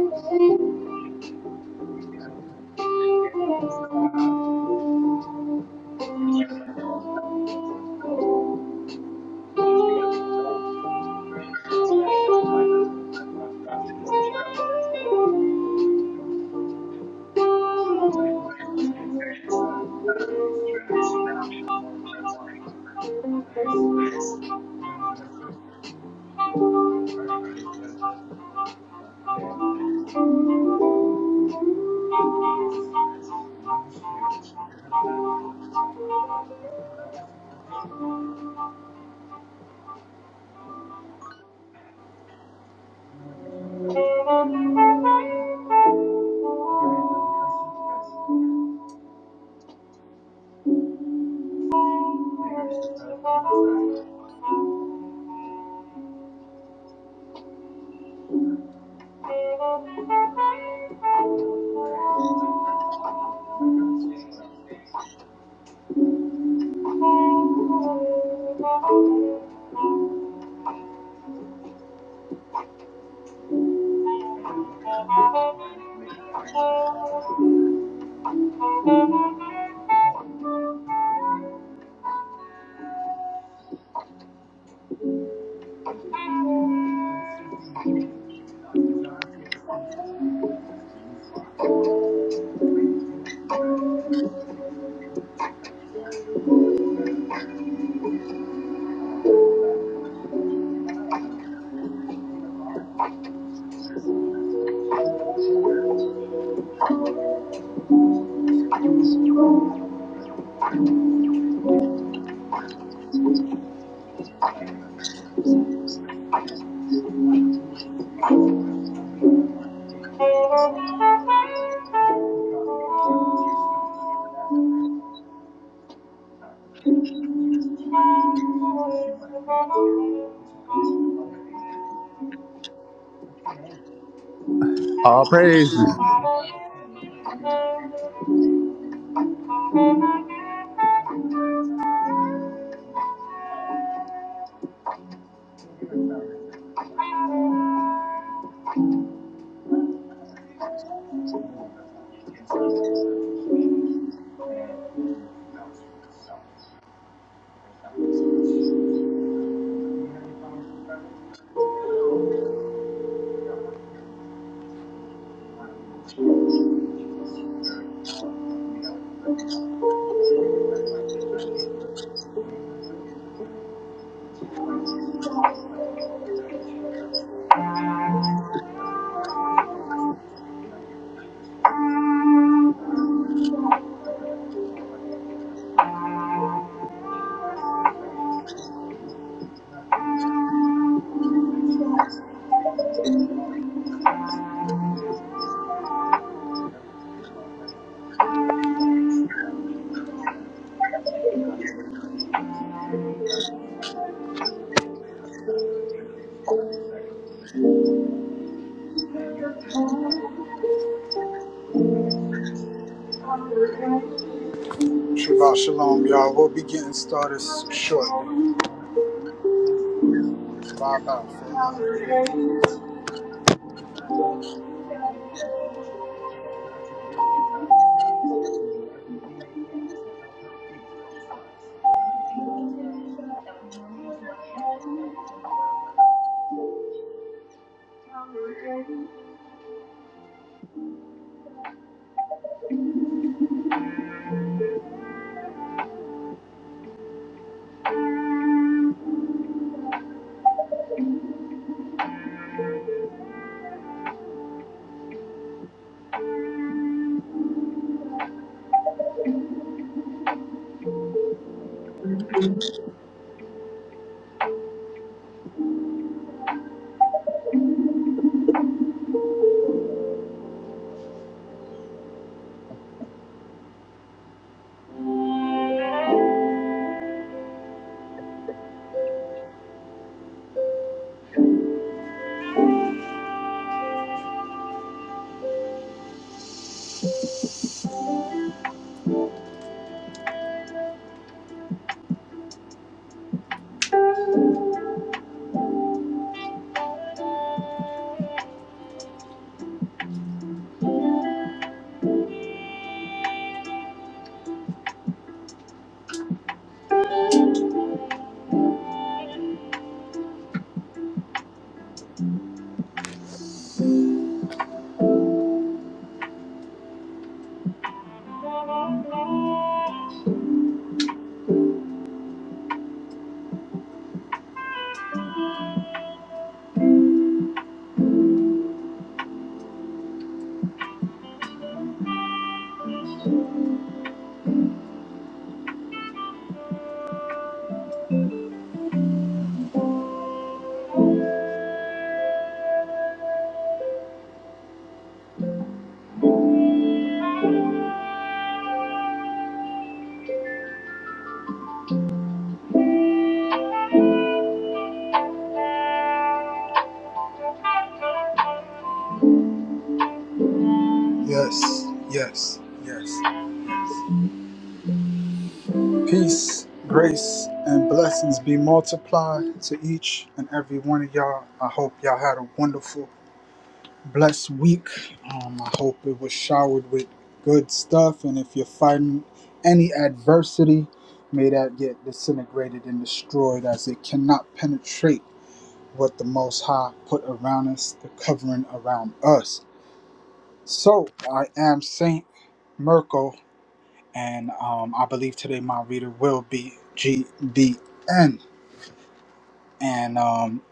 Pretty good. They can't tell me what's going on. She was like that in this family, She seemed to be wrong. It's very concerning that she might have some type of obstruction to the road. He's very close to the parents, uh, they're trying to reach some now. So it's lining up like, nice. You have your nose good? All right, Grace, you gotta go take a look at your throat, okay? Grace, I know you're scared. You really gotta take a look at the back of your throat. Can you open it up just a little bit? I don't know what you're so afraid of. I don't know what's going on. Give me time to person. Sure. Okay, Okay, Grace, let's try this one more time. No way. My first thought was, am I really seeing what I'm seeing? Hold this one. Thank you. I Shabbat had to look about three or four times to make sure I actually saw this. It's a point. Ever since he was a kid, Dr. John Cares Instinct has always been his spot on. when you do open medicine, it doesn't include, you have to put all the little foods together and, and you come up with the diagnosis. Why, I'm not vegetarian, what seems to be the problem? It's your chest. She's It seems to get worse. We've been learning practice, education. and Michael Winters rushed his 25-year-old wife Gail to the ER, fearful of what might be causing her terrible discomforts. The bathroom was locked. She suddenly muttered, "This girl. I'll get the E K G. What's your name?" All Why praises. did you buy this thing? What is this device? I still want to turn. How does it turn? He never found one. moving on the left-hand control position, and you can just bounce with the stuff. There's something that's serious. Have you had any problems with brothers here? No. Yeah, I've had one. One thing that's struggling is that she's very tall, so to me that was a red flag. You pull your fingers back like this, I can't do it. Are you able to do it? She's flexible, she's always been flexible. In fact, she was very calm. She had very flexible children. She makes you think that we connect with tissue disorder. The tissues are abnormal. And because of that, it's more like a kind of hearing that being or a tissue or dissection. What's going on? I'm not sure yet. An aortic dissection means there's a tear in the main artery that supplies blood to the body. Mayor, call cardiology and get that, that was your, uh, treatment options. And, uh, quickly, the chance of dying increased by the second. Then you have that the mother died, you know, in about four minutes to get the baby out. shalom, y'all. We'll be getting started shortly. Emmanuel Castellana has been Bye given a bye 5% for now. chance of survival after being diagnosed with a deadly lung infection. Dr. Lou and Dr. Tejas are doing everything they can to help her beat those odds. Everything that that we we did, didn't normally do on kids sick, didn't work for her. Yes, yes, yes, yes. Peace, grace, and blessings be multiplied to each and every one of y'all. I hope y'all had a wonderful, blessed week. Um, I hope it was showered with good stuff. And if you're fighting any adversity, may that get disintegrated and destroyed as it cannot penetrate what the Most High put around us, the covering around us. So I am Saint Mirko and um, I believe today my reader will be GBN. And um,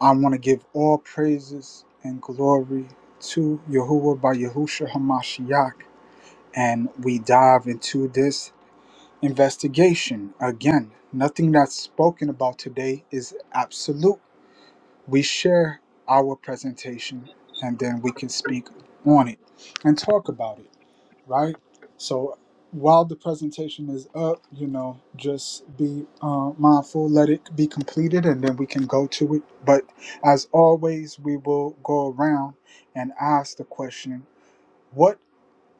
I want to give all praises and glory to Yahuwah by Yahusha Hamashiach. And we dive into this investigation again. Nothing that's spoken about today is absolute. We share our presentation and then we can speak on it and talk about it. right? So while the presentation is up, you know, just be uh, mindful, let it be completed, and then we can go to it. But as always, we will go around and ask the question What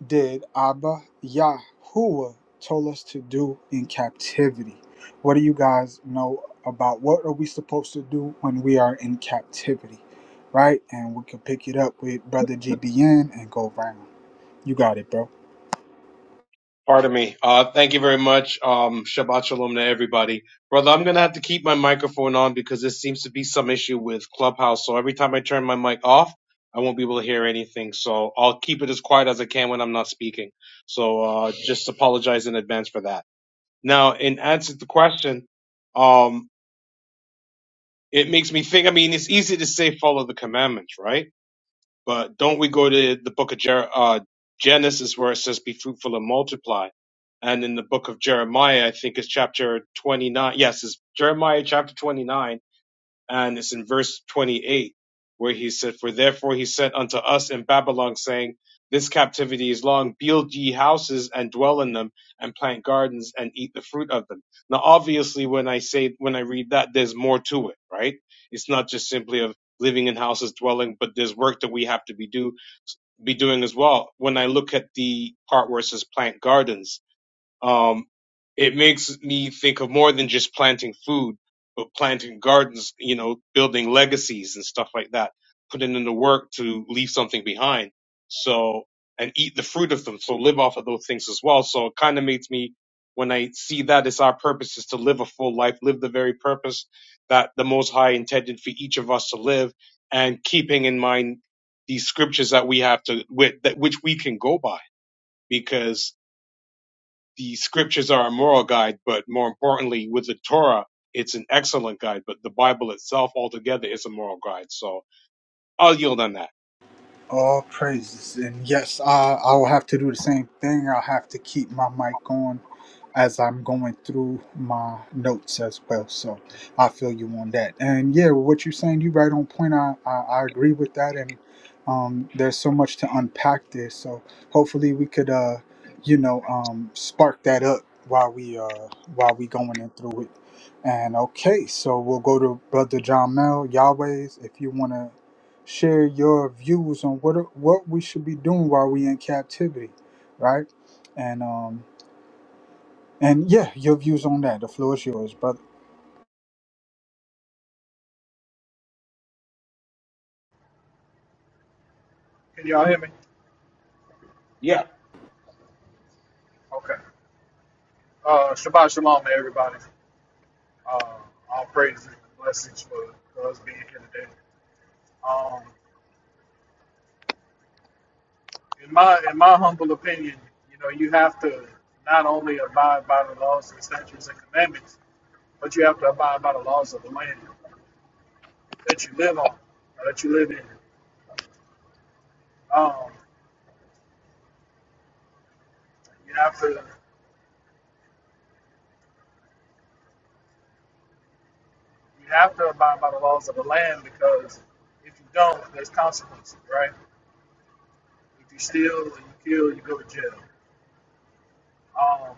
did Abba Yahuwah told us to do in captivity? What do you guys know about what are we supposed to do when we are in captivity? Right? And we can pick it up with Brother GBN and go round. You got it, bro. Pardon me. Uh, thank you very much. Um, Shabbat shalom to everybody. Brother, I'm going to have to keep my microphone on because there seems to be some issue with Clubhouse. So every time I turn my mic off, I won't be able to hear anything. So I'll keep it as quiet as I can when I'm not speaking. So, uh, just apologize in advance for that. Now, in answer to the question, um, it makes me think, I mean, it's easy to say follow the commandments, right? But don't we go to the book of Jer- uh, Genesis where it says, be fruitful and multiply? And in the book of Jeremiah, I think it's chapter 29. Yes, it's Jeremiah chapter 29 and it's in verse 28 where he said, For therefore he said unto us in Babylon, saying, This captivity is long, build ye houses and dwell in them, and plant gardens and eat the fruit of them. Now, obviously, when I say, when I read that, there's more to it, right? It's not just simply of living in houses, dwelling, but there's work that we have to be do, be doing as well. When I look at the part where it says plant gardens, um, it makes me think of more than just planting food, but planting gardens, you know, building legacies and stuff like that, putting in the work to leave something behind. So, and eat the fruit of them. So live off of those things as well. So it kind of makes me, when I see that it's our purpose is to live a full life, live the very purpose that the Most High intended for each of us to live and keeping in mind these scriptures that we have to, with, that, which we can go by because the scriptures are a moral guide, but more importantly, with the Torah, it's an excellent guide, but the Bible itself altogether is a moral guide. So I'll yield on that. All praises. And yes, I, I will have to do the same thing. I'll have to keep my mic on as I'm going through my notes as well. So I feel you on that. And yeah, what you're saying, you right on point. I, I, I agree with that. And um, there's so much to unpack there. So hopefully we could, uh, you know, um, spark that up while we uh, while we going in through it. And okay, so we'll go to Brother John Mel, Yahweh's, if you want to share your views on what what we should be doing while we in captivity, right? And um and yeah, your views on that. The floor is yours, brother. Can y'all hear me? Yeah. Okay. Uh, Shabbat shalom, to everybody. Uh, all praises and blessings for, for us being here today. Um, in my in my humble opinion, you know, you have to not only abide by the laws and statutes and commandments, but you have to abide by the laws of the land that you live on, or that you live in. Um, you have to you have to abide by the laws of the land because if you don't, there's consequences, right? If you steal or you kill, you go to jail. um,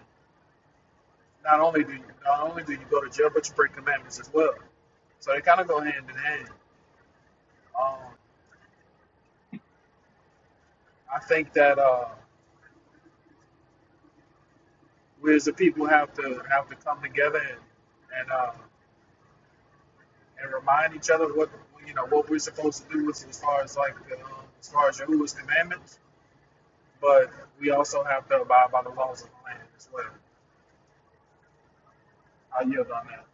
not only do you not only do you go to jail, but you break commandments as well. So they kind of go hand in hand. Um, I think that uh, we as a people have to have to come together and and, uh, and remind each other what you know what we're supposed to do as, as far as like the, um, as far as Yahuwah's commandments. But we also have to abide by the laws of the land as well. I yield on that.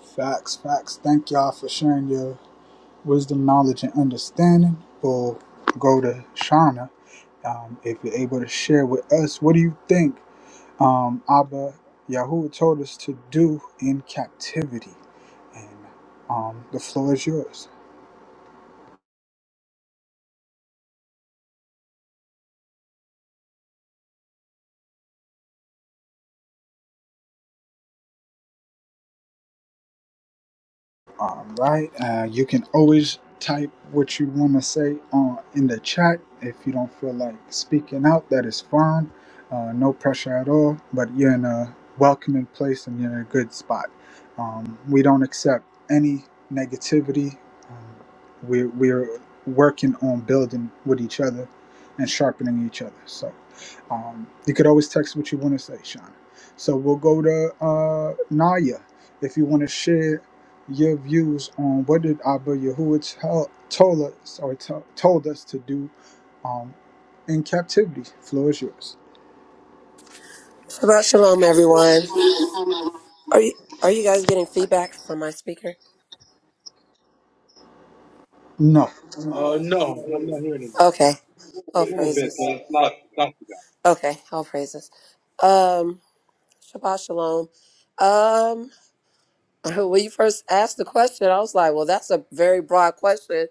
Facts, facts. Thank y'all for sharing your wisdom, knowledge, and understanding. We'll go to Shauna. Um, if you're able to share with us, what do you think um, Abba Yahweh told us to do in captivity? And um, the floor is yours. All right. Uh, you can always type what you want to say uh, in the chat. If you don't feel like speaking out, that is fine. Uh, no pressure at all. But you're in a welcoming place and you're in a good spot. Um, we don't accept any negativity. Um, we're, we're working on building with each other and sharpening each other. So um, you could always text what you want to say, Sean. So we'll go to uh, Naya if you want to share your views on what did Abba Yahuwah tell, told us or to, told us to do um, in captivity. Floor is yours. About shalom, everyone. Are you are you guys getting feedback from my speaker? No. Uh, no, I'm not hearing anything. Okay. All A little bit, praises. but it's not, not the Okay, all praises. Um, Shabbat shalom. Um, when you first asked the question, I was like, "Well, that's a very broad question."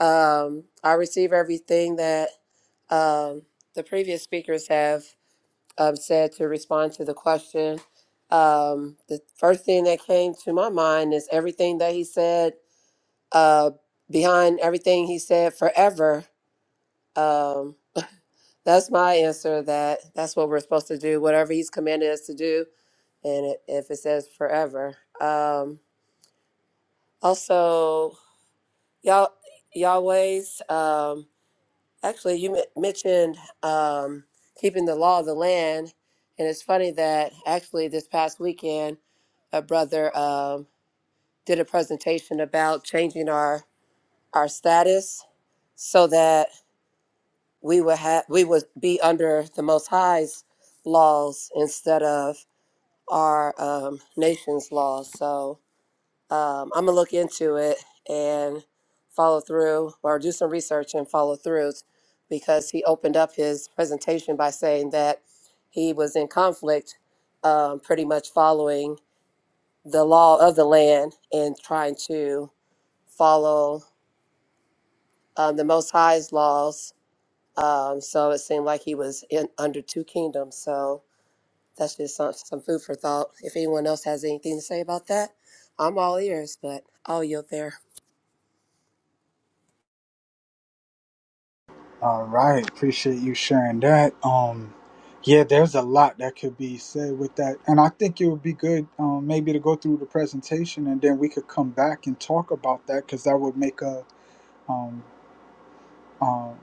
Um, I receive everything that um the previous speakers have um said to respond to the question. Um, the first thing that came to my mind is everything that he said uh, behind everything he said forever. Um, that's my answer. That that's what we're supposed to do. Whatever he's commanded us to do, and it, if it says forever. Um, also, y'all, Yahweh's. Um, actually, you men- mentioned um, keeping the law of the land, and it's funny that actually this past weekend, a brother um, did a presentation about changing our our status so that we would have we would be under the most high's laws instead of our um, nation's laws so um, i'm gonna look into it and follow through or do some research and follow through because he opened up his presentation by saying that he was in conflict um, pretty much following the law of the land and trying to follow um, the most high's laws Um, so it seemed like he was in under two kingdoms. So that's just some, some food for thought. If anyone else has anything to say about that, I'm all ears, but I'll yield there. All right. Appreciate you sharing that. Um, yeah, there's a lot that could be said with that, and I think it would be good um, maybe to go through the presentation and then we could come back and talk about that because that would make a um, um,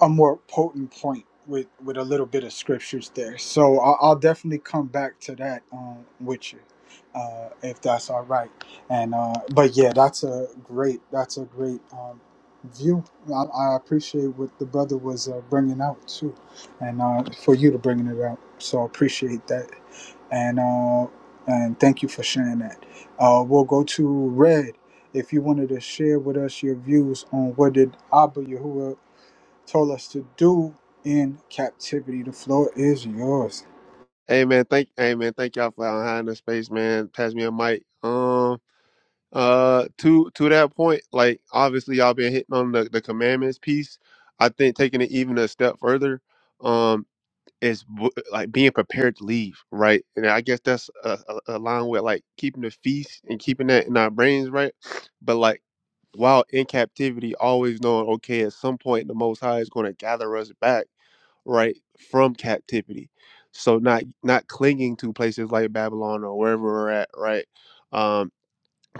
a more potent point with with a little bit of scriptures there. So I'll, I'll definitely come back to that um, with you, uh, if that's all right. And uh, but yeah, that's a great that's a great um, view. I, I appreciate what the brother was uh, bringing out too, and uh, for you to bringing it out. So I appreciate that, and uh, and thank you for sharing that. Uh, we'll go to red. If you wanted to share with us your views on what did Abba Yahuwah told us to do in captivity. The floor is yours. Hey man, thank hey man, thank y'all for allowing the space, man. Pass me a mic. Um uh to to that point, like obviously y'all been hitting on the, the commandments piece. I think taking it even a step further, um, is w- like being prepared to leave, right? And I guess that's uh, a- along with like keeping the feast and keeping that in our brains, right? But like while in captivity, always knowing okay, at some point the Most High is going to gather us back right from captivity so not not clinging to places like babylon or wherever we're at right Um,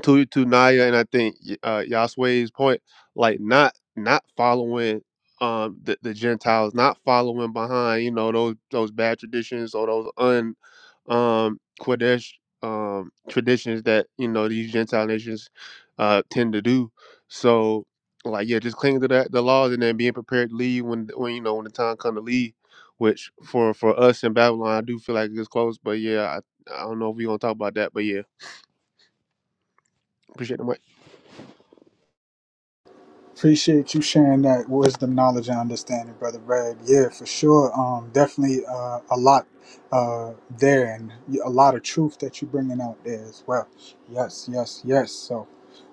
to to Naya and I think y- uh Yaswe's point, like not not following um the, the Gentiles, not following behind, you know, those those bad traditions or those un um Kodesh um traditions that, you know, these Gentile nations uh tend to do. So like yeah, just clinging to that the laws and then being prepared to leave when when you know when the time come to leave, which for for us in Babylon I do feel like it's close. But yeah, I, I don't know if we're gonna talk about that, but yeah, appreciate the mic. Appreciate you sharing that wisdom, knowledge, and understanding, brother Brad. Yeah, for sure. Um, definitely uh, a lot uh, there, and a lot of truth that you're bringing out there as well. Yes, yes, yes. So,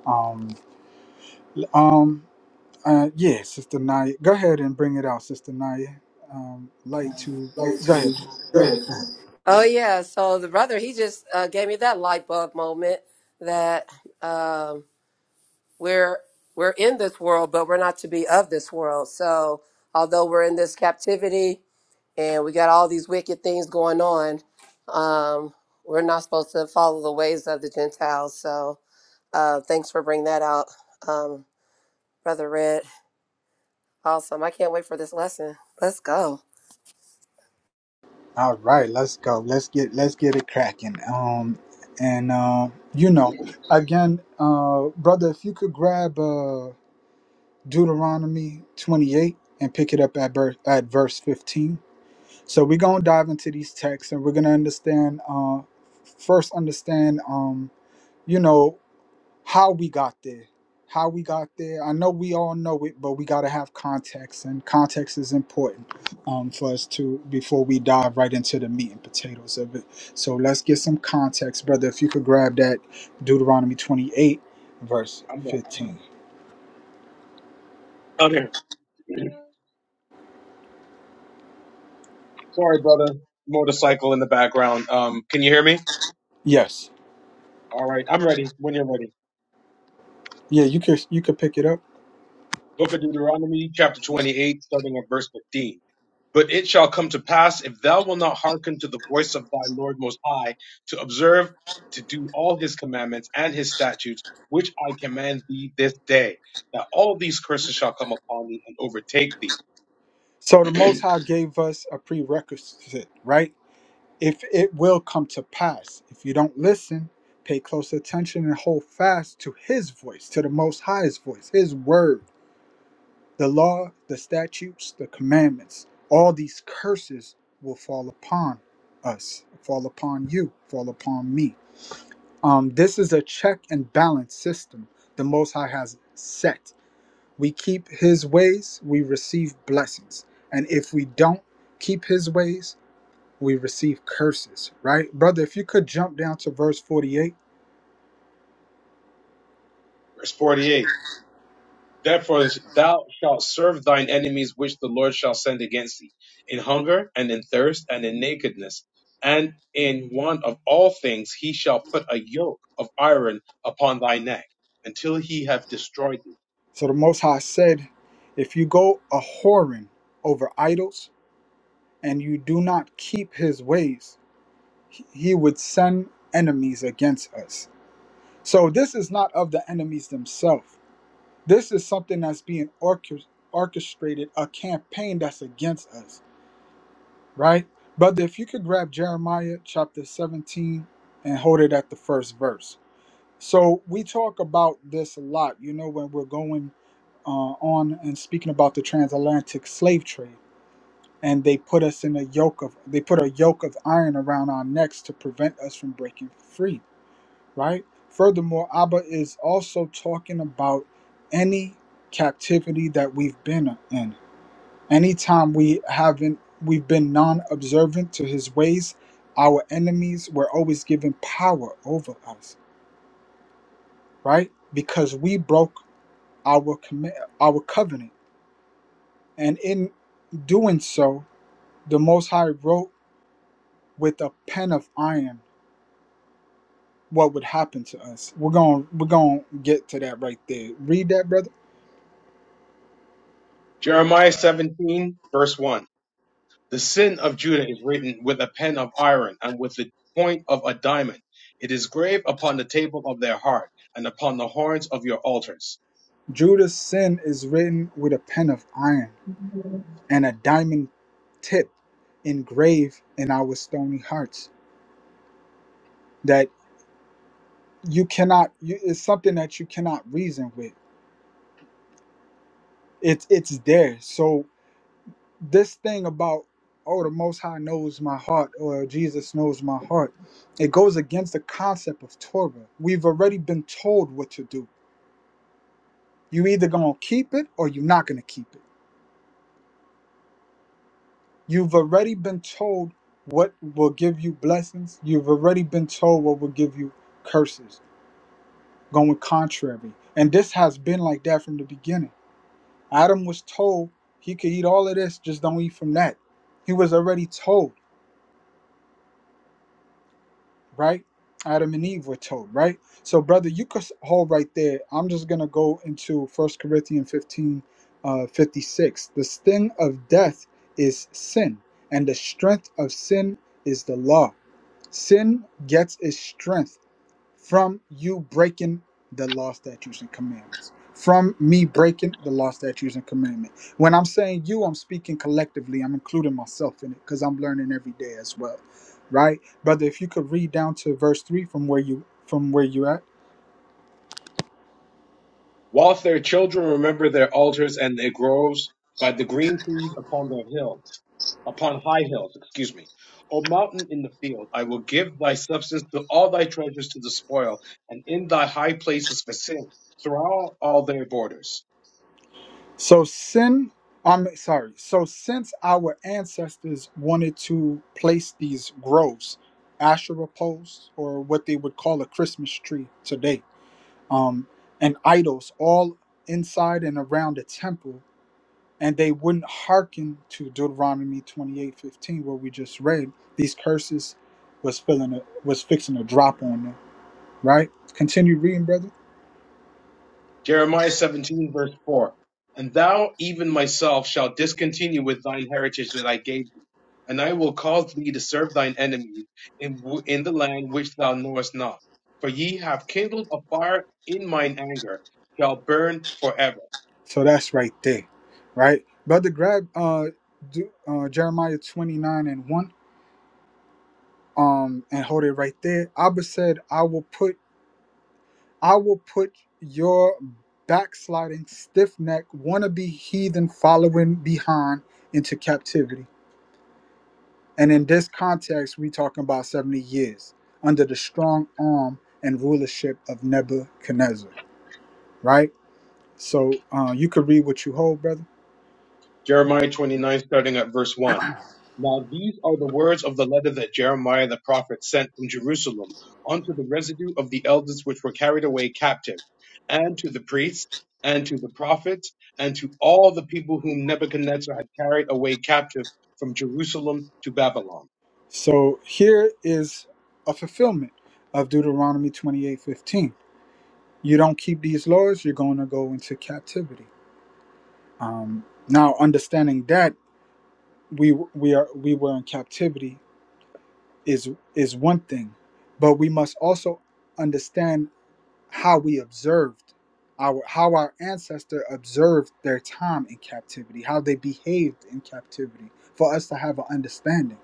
um, um, uh, yeah, Sister Naya, go ahead and bring it out, Sister Naya. Um, like to Like go ahead. to pray. Oh, yeah. So the brother, he just uh, gave me that light bulb moment that um, we're we're in this world, but we're not to be of this world. So although we're in this captivity and we got all these wicked things going on, um, we're not supposed to follow the ways of the Gentiles. So Uh, thanks for bringing that out, um, Brother Red. Awesome. I can't wait for this lesson. Let's go. All right, let's go. Let's get let's get it cracking. Um, and uh, you know, guy. again, uh, brother, if you could grab uh, Deuteronomy twenty eight and pick it up at ver- at verse fifteen. So we're gonna dive into these texts, and we're gonna understand. Uh, first, understand. Um, you know how we got there. How we got there. I know we all know it, but we got to have context, and context is important um, for us to before we dive right into the meat and potatoes of it. So let's get some context, brother. If you could grab that Deuteronomy 28, verse I'm done. 15. Out here. Sorry, brother. Motorcycle in the background. Um, can you hear me? Yes. All right. I'm ready when you're ready. Yeah, you could you could pick it up. Book of Deuteronomy, chapter 28, starting at verse 15. But it shall come to pass, if thou wilt not hearken to the voice of thy Lord Most High, to observe to do all his commandments and his statutes, which I command thee this day, that all these curses shall come upon thee and overtake thee. So the Most High gave us a prerequisite, right? if it will come to pass. If you don't listen, pay close attention and hold fast to his voice, to the most High's voice, his word, the law, the statutes, the commandments. All these curses will fall upon us, fall upon you, fall upon me. Um, this is a check and balance system the Most High has set. We keep his ways, we receive blessings. And if we don't keep his ways, we receive curses, right? Brother, if you could jump down to verse 48. Verse 48. Therefore thou shalt serve thine enemies which the Lord shall send against thee, in hunger and in thirst and in nakedness. And in want of all things he shall put a yoke of iron upon thy neck, until he have destroyed thee So the Most High said, If you go a whoring over idols and you do not keep his ways, he he would send enemies against us. So this is not of the enemies themselves. This is something that's being orchest- orchestrated, a campaign that's against us, right? Brother, if you could grab Jeremiah chapter 17 and hold it at the first verse. So we talk about this a lot, you know, when we're going uh, on and speaking about the transatlantic slave trade, and they put us in a yoke of they put a yoke of iron around our necks to prevent us from breaking free, right? Furthermore, Abba is also talking about any captivity that we've been in. Anytime we haven't we've been non-observant to his ways, our enemies were always given power over us, right? Because we broke our commit our covenant, and in doing so, the Most High wrote with a pen of iron what would happen to us. We're going we're going to get to that right there. Read that, brother. Jeremiah 17, verse 1. The sin of Judah is written with a pen of iron and with the point of a diamond. It is graved upon the table of their heart and upon the horns of your altars. Judah's sin is written with a pen of iron and a diamond tip engraved in our stony hearts that you cannot you, it's something that you cannot reason with. It's it's there. So this thing about oh the most high knows my heart or jesus knows my heart it goes against the concept of torah we've already been told what to do you either gonna keep it or you're not gonna keep it you've already been told what will give you blessings you've already been told what will give you curses going contrary and this has been like that from the beginning adam was told he could eat all of this just don't eat from that he was already told right? Adam and Eve were told, right? So, brother, you could hold right there. I'm just going to go into First Corinthians 15 uh, 56. The sting of death is sin, and the strength of sin is the law. Sin gets its strength from you breaking the law, statutes, and commandments. From me breaking the law, statutes, and commandment. When I'm saying you, I'm speaking collectively. I'm including myself in it because I'm learning every day as well, right, brother? If you could read down to verse three from where you from where you at. Whilst their children remember their altars and their groves by the green trees upon their hills, upon high hills, excuse me. O mountain in the field, I will give thy substance to all thy treasures to the spoil, and in thy high places for sin, throughout all their borders. So sin. I'm sorry. So since our ancestors wanted to place these groves, Asherah poles, or what they would call a Christmas tree today um, and idols all inside and around the temple and they wouldn't hearken to deuteronomy twenty eight fifteen, where we just read these curses was filling a, was fixing a drop on them right continue reading brother Jeremiah 17, verse 4. And thou, even myself, shalt discontinue with thine heritage that I gave thee, and I will cause thee to serve thine enemies in, w- in the land which thou knowest not. For ye have kindled a fire in mine anger, shall burn forever. so that's right there right brother grab uh, do, uh jeremiah 29 and 1 um and hold it right there abba said i will put I will put your backsliding, stiff necked, wannabe heathen following behind into captivity. And in this context, we talking about 70 years under the strong arm and rulership of Nebuchadnezzar, right? So uh, you could read what you hold, brother. Jeremiah 29, starting at verse 1. Now these are the words of the letter that Jeremiah the prophet sent from Jerusalem unto the residue of the elders which were carried away captive, and to the priests, and to the prophets, and to all the people whom Nebuchadnezzar had carried away captive from Jerusalem to Babylon. So here is a fulfillment of Deuteronomy 28, 15. You don't keep these laws, you're going to go into captivity. Um, now, understanding that. we we are we were in captivity is is one thing but we must also understand how we observed our how our ancestor observed their time in captivity how they behaved in captivity for us to have an understanding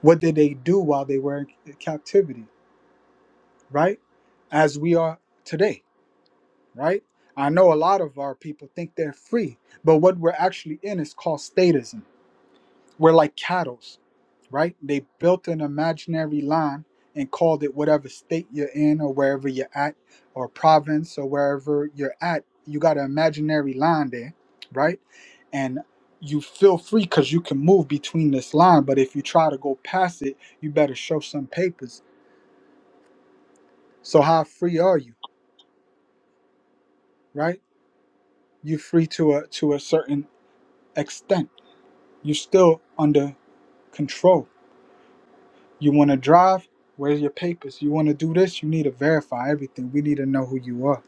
what did they do while they were in captivity right as we are today right i know a lot of our people think they're free but what we're actually in is called statism we're like cattle right? They built an imaginary line and called it whatever state you're in or wherever you're at or province or wherever you're at. You got an imaginary line there, right? And you feel free because you can move between this line, but if you try to go past it, you better show some papers. So how free are you, right? You're free to a to a certain extent. You're still under control You want to drive? Where's your papers? You want to do this? You need to verify everything. We need to know who you are.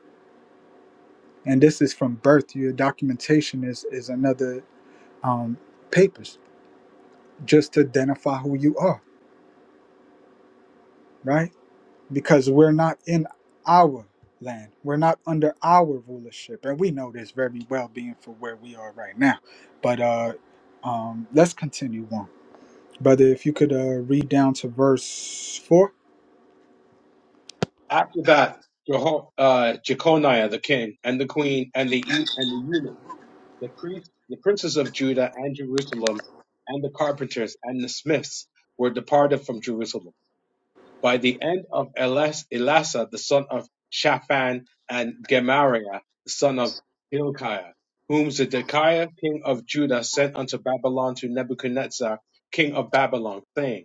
And this is from birth. Your documentation is is another um, papers just to identify who you are, right? Because we're not in our land. We're not under our rulership, and we know this very well, being for where we are right now. But uh, um, let's continue on, brother. If you could uh, read down to verse four, After that, Jeho- uh, Jeconiah the king, and the queen, and the, eu- and the eunuchs The priests, the princes of Judah and Jerusalem, and the carpenters and the smiths were departed from Jerusalem. By the end of Elas- Elasa, the son of Shaphan, and Gemariah, the son of Hilkiah, whom Zedekiah, king of Judah, sent unto Babylon to Nebuchadnezzar, king of Babylon, saying,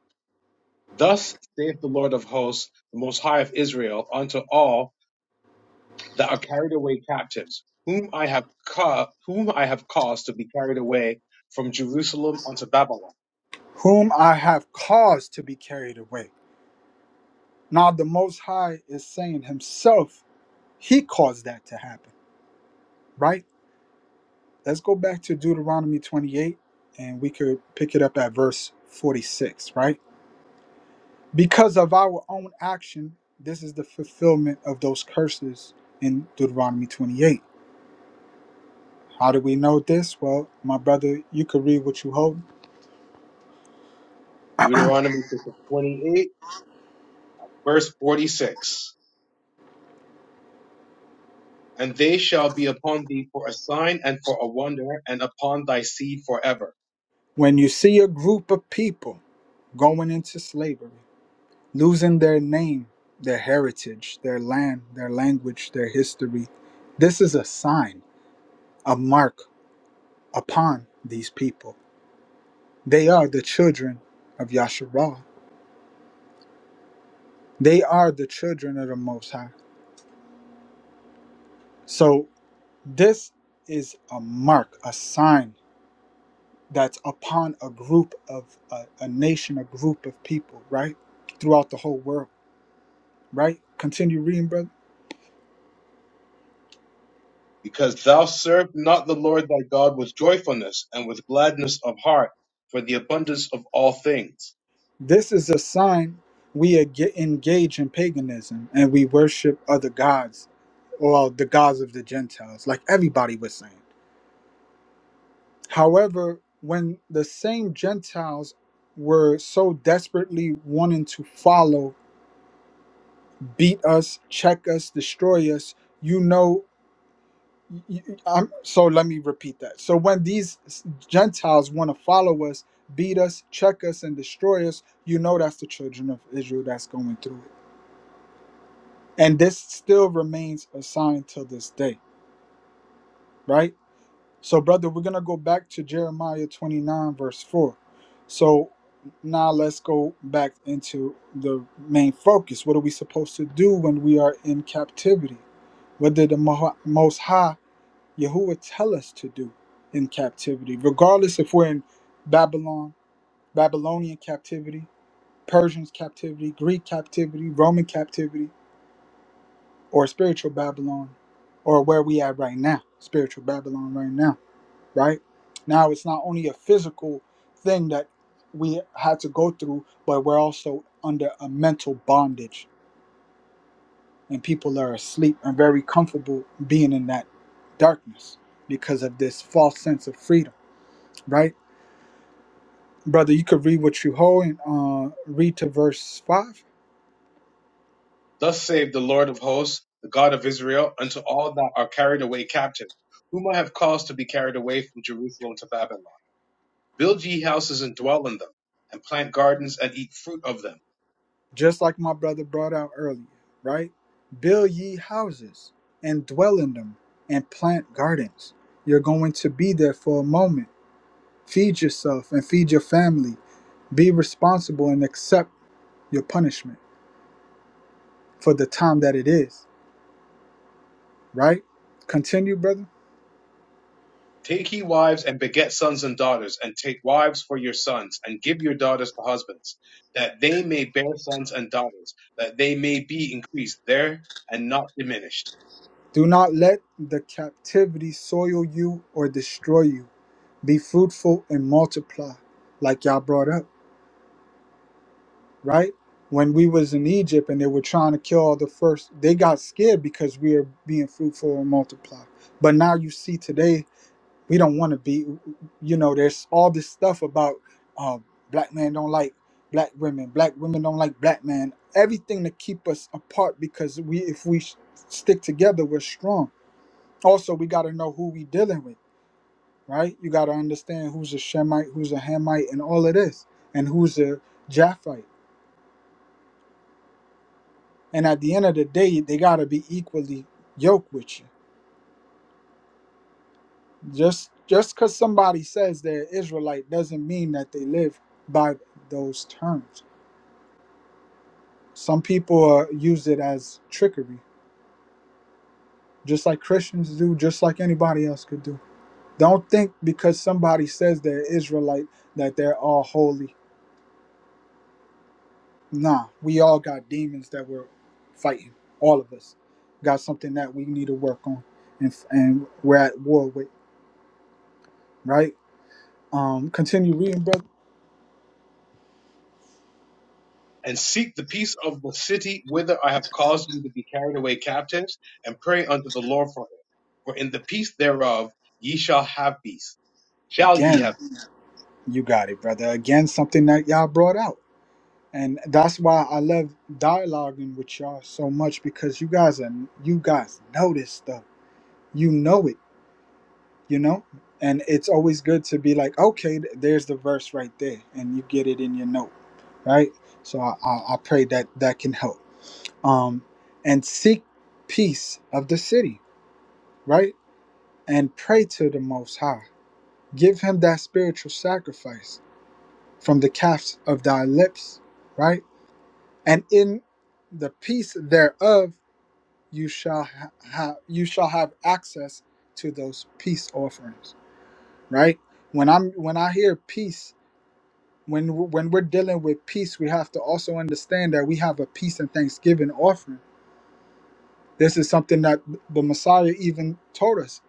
Thus saith the Lord of hosts, the Most High of Israel, unto all that are carried away captives, whom I have ca- whom I have caused to be carried away from Jerusalem unto Babylon. whom I have caused to be carried away. Now the Most High is saying himself, he caused that to happen, right? Let's go back to Deuteronomy 28 and we could pick it up at verse 46, right? Because of our own action, this is the fulfillment of those curses in Deuteronomy 28. How do we know this? Well, my brother, you could read what you hold. Deuteronomy chapter 28, verse 46. And they shall be upon thee for a sign and for a wonder, and upon thy seed forever. When you see a group of people going into slavery, losing their name, their heritage, their land, their language, their history. This is a sign, a mark upon these people. They are the children of Yasharah. They are the children of the Most High. So this is a mark, a sign that's upon a group of a, a nation, a group of people, right? Throughout the whole world, right? Continue reading, brother. Because thou served not the Lord thy God with joyfulness and with gladness of heart, for the abundance of all things This is a sign we ag- engage in paganism and we worship other gods or the gods of the Gentiles, like everybody was saying. However, when the same Gentiles were so desperately wanting to follow, beat us, check us, destroy us, you know. y- y- I'm, so let me repeat that. So when these s- Gentiles want to follow us, beat us, check us, and destroy us, you know that's the children of Israel that's going through it and this still remains a sign till this day right so brother we're gonna go back to jeremiah 29 verse 4 so now let's go back into the main focus what are we supposed to do when we are in captivity what did the Mo- most high yahweh tell us to do in captivity regardless if we're in babylon babylonian captivity Persian captivity greek captivity roman captivity or spiritual Babylon, or where we at right now, spiritual Babylon right now, right? Now it's not only a physical thing that we had to go through, but we're also under a mental bondage, and people are asleep and very comfortable being in that darkness because of this false sense of freedom, right? Brother, you could read what you hold and uh, read to verse 5. Thus saith the Lord of hosts, the God of Israel, unto all that are carried away captive, whom I have caused to be carried away from Jerusalem to Babylon. Build ye houses and dwell in them, and plant gardens and eat fruit of them. just like my brother brought out earlier, right? Build ye houses and dwell in them and plant gardens. You're going to be there for a moment. Feed yourself and feed your family. Be responsible and accept your punishment for the time that it is, right? Continue, brother. Take ye wives and beget sons and daughters, and take wives for your sons, and give your daughters to husbands, that they may bear sons and daughters, that they may be increased there and not diminished. Do not let the captivity soil you or destroy you. Be fruitful and multiply, like y'all brought up right? When we was in Egypt and they were trying to kill all the first, they got scared because we are being fruitful and multiply. But now you see today, we don't want to be, you know, there's all this stuff about um, black men don't like black women, black women don't like black men, everything to keep us apart because we, if we s- stick together, we're strong. Also, we got to know who we dealing with, right? You got to understand who's a Shemite, who's a Hamite, and all of this, and who's a Japhite And at the end of the day, they gotta be equally yoked with you. Just just because somebody says they're Israelite doesn't mean that they live by those terms. Some people uh, use it as trickery, just like Christians do, just like anybody else could do. Don't think because somebody says they're Israelite that they're all holy. Nah, we all got demons that we're fighting. All of us got something that we need to work on, and and we're at war with. Right? Um, continue reading, brother. And seek the peace of the city whither I have caused you to be carried away captives, and pray unto the Lord for For in the peace thereof ye shall have peace. Shall ye have Again, peace? you got it, brother. Again, something that y'all brought out. And that's why I love dialoguing with y'all so much because you guys are you guys know this stuff. You know it, you know? And it's always good to be like, okay, th- there's the verse right there, and you get it in your note, right? So I, I, I pray that that can help. Um, and seek peace of the city, right? And pray to the Most High. Give him that spiritual sacrifice from the calves of thy lips, right? And in the peace thereof you shall ha- have you shall have access to those peace offerings, right? When I'm when I hear peace, when w- when we're dealing with peace, we have to also understand that we have a peace and thanksgiving offering. This is something that the Messiah even told us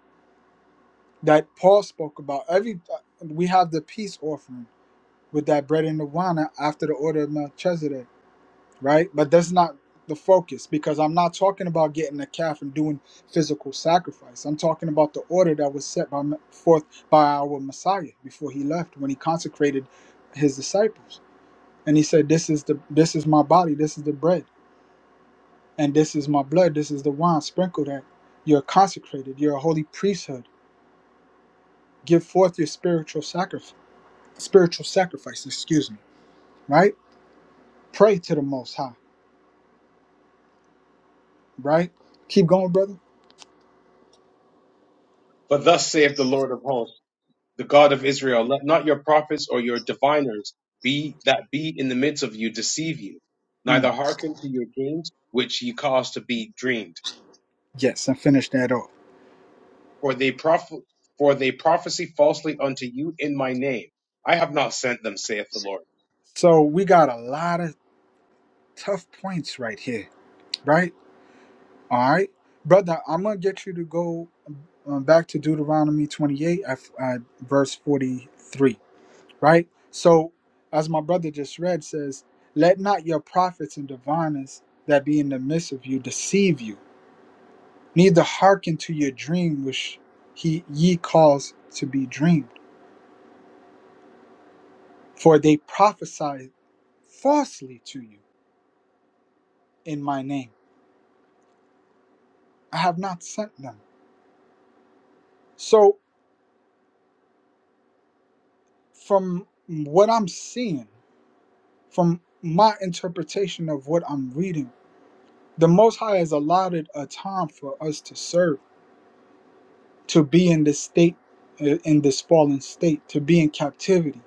that Paul spoke about. Every uh, we have the peace offering with that bread and the wine after the order of Melchizedek right? But that's not the focus because I'm not talking about getting a calf and doing physical sacrifice. I'm talking about the order that was set by, forth by our Messiah before he left when he consecrated his disciples. And he said, "This is the this is my body, this is the bread, and this is my blood, this is the wine sprinkled at. You're consecrated, you're a holy priesthood. Give forth your spiritual sacrifice, spiritual sacrifice, excuse me, right? Pray to the most high, right? Keep going, brother. For thus saith the Lord of hosts, the God of Israel, let not your prophets or your diviners be that be in the midst of you deceive you, Mm, neither hearken to your dreams which ye cause to be dreamed. Yes, and finish that off. For they proph- for they prophesy falsely unto you in my name. I have not sent them, saith the Lord. So we got a lot of tough points right here, right? All right, brother, I'm gonna get you to go um, back to Deuteronomy 28, at, at verse 43, right? So, as my brother just read says, "Let not your prophets and diviners that be in the midst of you deceive you, neither hearken to your dream which he ye cause to be dreamed, for they prophesy falsely to you in my name. I have not sent them." So from what I'm seeing, from my interpretation of what I'm reading, the Most High has allotted a time for us to serve, to be in this state, uh, in this fallen state, to be in captivity.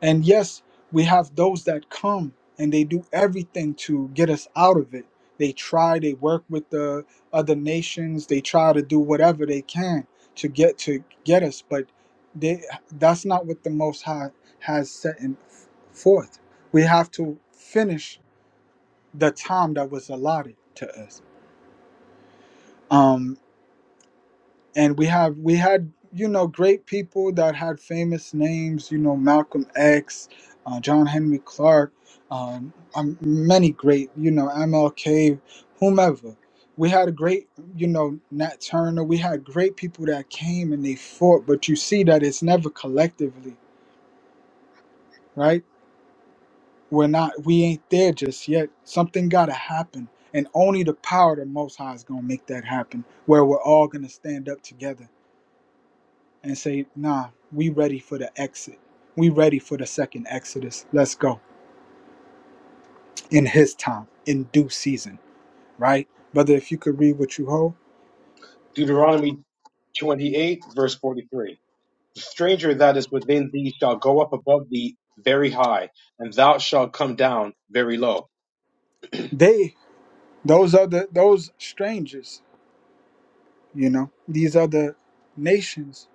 And yes, we have those that come and they do everything to get us out of it. They try, they work with the other nations, they try to do whatever they can to get to get us, but they that's not what the most high has set in forth. We have to finish the time that was allotted to us. Um and we have we had you know great people that had famous names you know malcolm x uh, john henry clark um, um, many great you know mlk whomever we had a great you know nat turner we had great people that came and they fought but you see that it's never collectively right we're not we ain't there just yet something gotta happen and only the power of the most high is gonna make that happen where we're all gonna stand up together and say, nah, we ready for the exit. We ready for the second Exodus. Let's go. In his time, in due season, right? Brother, if you could read what you hold. Deuteronomy 28, verse 43. The stranger that is within thee shall go up above thee very high, and thou shalt come down very low. They those other, those strangers, you know, these other nations,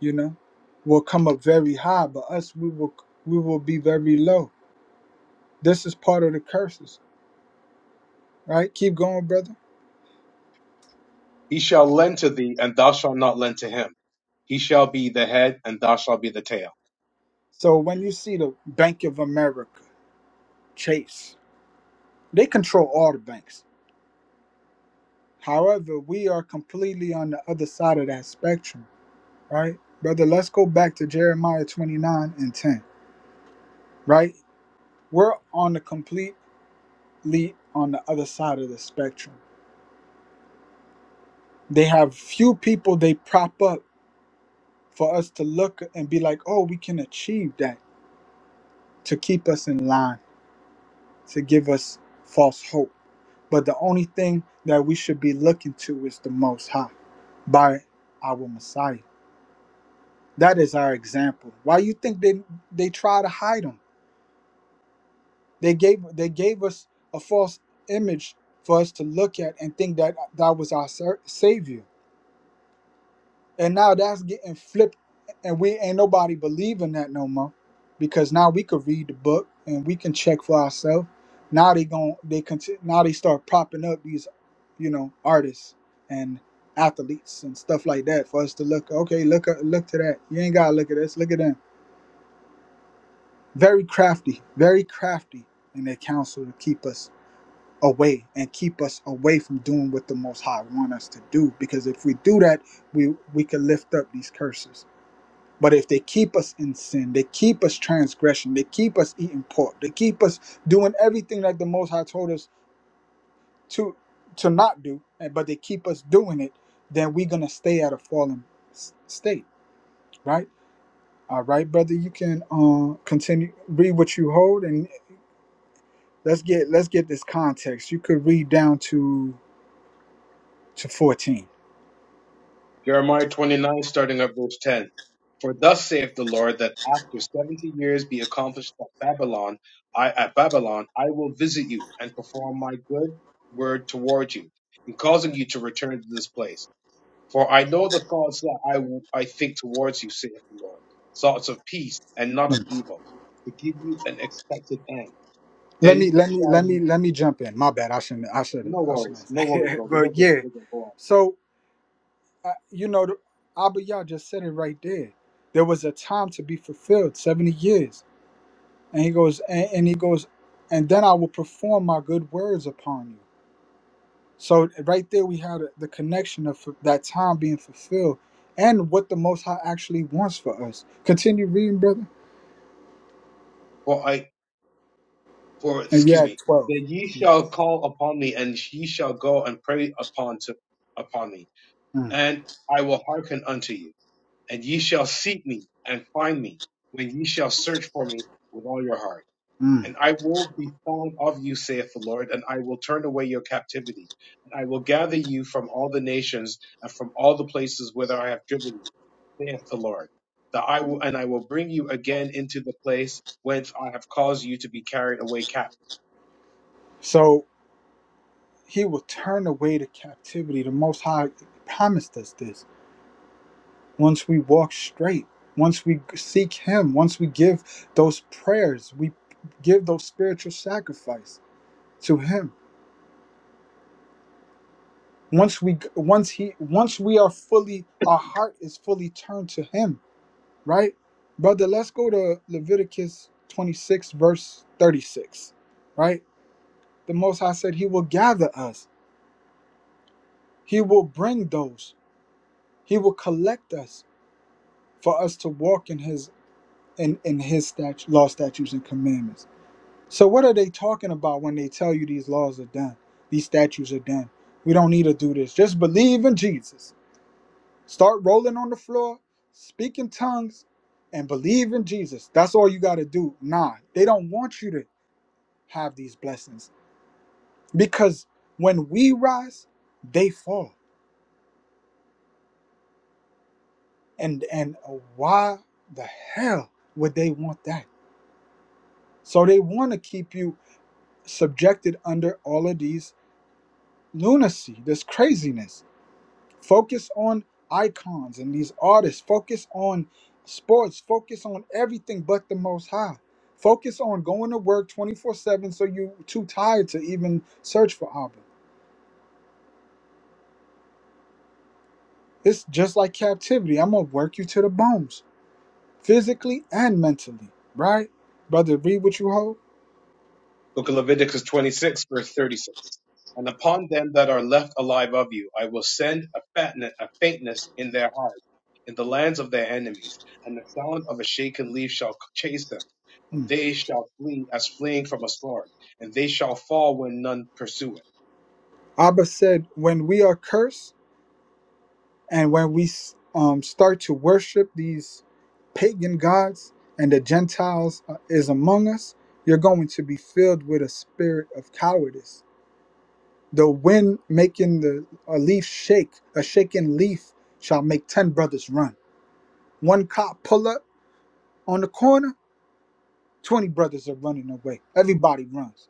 you know, will come up very high, but us we will we will be very low. This is part of the curses, right? Keep going, brother. He shall lend to thee, and thou shalt not lend to him. He shall be the head, and thou shalt be the tail. So when you see the Bank of America, Chase, they control all the banks However, we are completely on the other side of that spectrum, right? Brother, let's go back to Jeremiah 29 and 10, right? We're on the completely on the other side of the spectrum. They have few people they prop up for us to look and be like, oh, we can achieve that to keep us in line, to give us false hope. But the only thing that we should be looking to is the Most High by our Messiah. That is our example. Why you think they they try to hide them? They gave they gave us a false image for us to look at and think that that was our sa- savior. And now that's getting flipped, and we ain't nobody believing that no more, because now we could read the book and we can check for ourselves. Now they gon' they conti- now they start propping up these, you know, artists and athletes and stuff like that for us to look. Okay, look at- look to that. You ain't gotta look at this. Look at them very crafty, very crafty in their counsel to keep us away and keep us away from doing what the Most High want us to do. Because if we do that, we we can lift up these curses. But if they keep us in sin, they keep us transgression, they keep us eating pork, they keep us doing everything that the Most High told us to to not do, and but they keep us doing it, then we're gonna stay at a fallen s- state, right? All right, brother, you can uh, continue read what you hold and. let's get let's get this context. You could read down to to 14. Jeremiah 29, starting at verse 10. For thus saith the Lord, that after seventy years be accomplished at Babylon, I at Babylon, I will visit you and perform my good word toward you, in causing you to return to this place. For I know the thoughts that I, w- I think towards you, saith the Lord, thoughts of peace and not of Mm. evil, to give you an expected end. Let me Then let me shall let you, me let me jump in. My bad. I shouldn't I should no I worries, shouldn't no say worries, it. brother, we're But good, yeah. we're good, go So uh, you know the Abba Yah just said it right there. There was a time to be fulfilled, 70 years. And he goes and, and he goes and then I will perform my good words upon you. So right there we had the connection of that time being fulfilled and what the most high actually wants for us. Continue reading, brother. on. for and you're excuse at me, 12. that ye Yeah. shall call upon me, and ye shall go and pray upon to upon me, Mm, and I will hearken unto you, and ye shall seek me and find me, when ye shall search for me with all your heart. mm. And I will be found of you, saith the Lord, and I will turn away your captivity, and I will gather you from all the nations and from all the places whither I have driven you, saith the Lord. That I will, and I will bring you again into the place whence I have caused you to be carried away captive So he will turn away the captivity. The Most High promised us this. Once we walk straight, once we seek Him, once we give those prayers, we give those spiritual sacrifice to Him. Once we, once He, once we are fully, our heart is fully turned to Him. Right, brother. Let's go to Leviticus 26, verse 36. Right, the Most High said He will gather us He will bring those. He will collect us for us to walk in his in, in his statu- law, statutes, and commandments. So what are they talking about when they tell you these laws are done? These statutes are done. We don't need to do this. Just believe in Jesus. Start rolling on the floor, speak in tongues, and believe in Jesus. That's all you gotta do. Nah, they don't want you to have these blessings. Because when we rise, they fall and and uh, why the hell would they want that so they want to keep you subjected under all of these lunacy this craziness focus on icons and these artists focus on sports focus on everything but the most high focus on going to work 24-7 so you too tired to even search for abba it's just like captivity i'm gonna work you to the bones physically and mentally right brother read what you hold Book of Leviticus 26, verse 36. And upon them that are left alive of you, I will send a fatness, a faintness in their hearts, in the lands of their enemies, and the sound of a shaken leaf shall chase them, and they shall flee as fleeing from a sword, and they shall fall when none pursueth. Abba said, when we are cursed and when we um, start to worship these pagan gods and the Gentiles uh, is among us, you're going to be filled with a spirit of cowardice. The wind making the a leaf shake, a shaking leaf shall make 10 brothers run. One cop pull up on the corner, 20 brothers are running away. Everybody runs.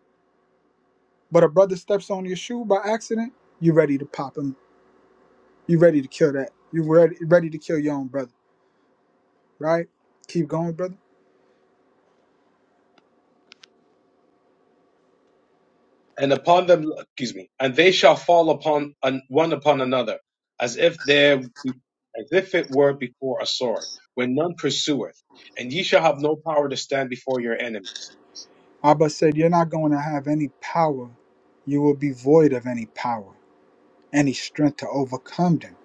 But a brother steps on your shoe by accident, you're ready to pop him. You're ready to kill that. You're ready, ready to kill your own brother. right? Keep going, brother. And upon them, excuse me, and they shall fall upon un, one upon another, as if there, as if it were before a sword, when none pursueth. And ye shall have no power to stand before your enemies Abba said, You're not going to have any power. You will be void of any power. Any strength to overcome them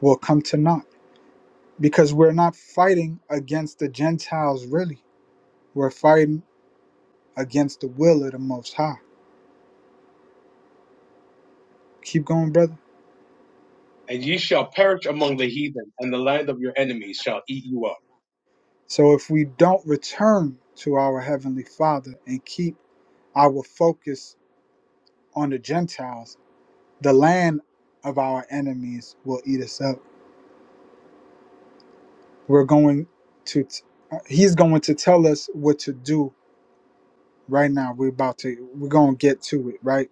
will come to naught because we're not fighting against the Gentiles, really. We're fighting against the will of the Most High. Keep going, brother. and ye shall perish among the heathen, and the land of your enemies shall eat you up. So if we don't return to our Heavenly Father and keep our focus on the Gentiles, the land of our enemies will eat us up We're going to t- uh, he's going to tell us what to do right now. We're about to we're going to get to it, right?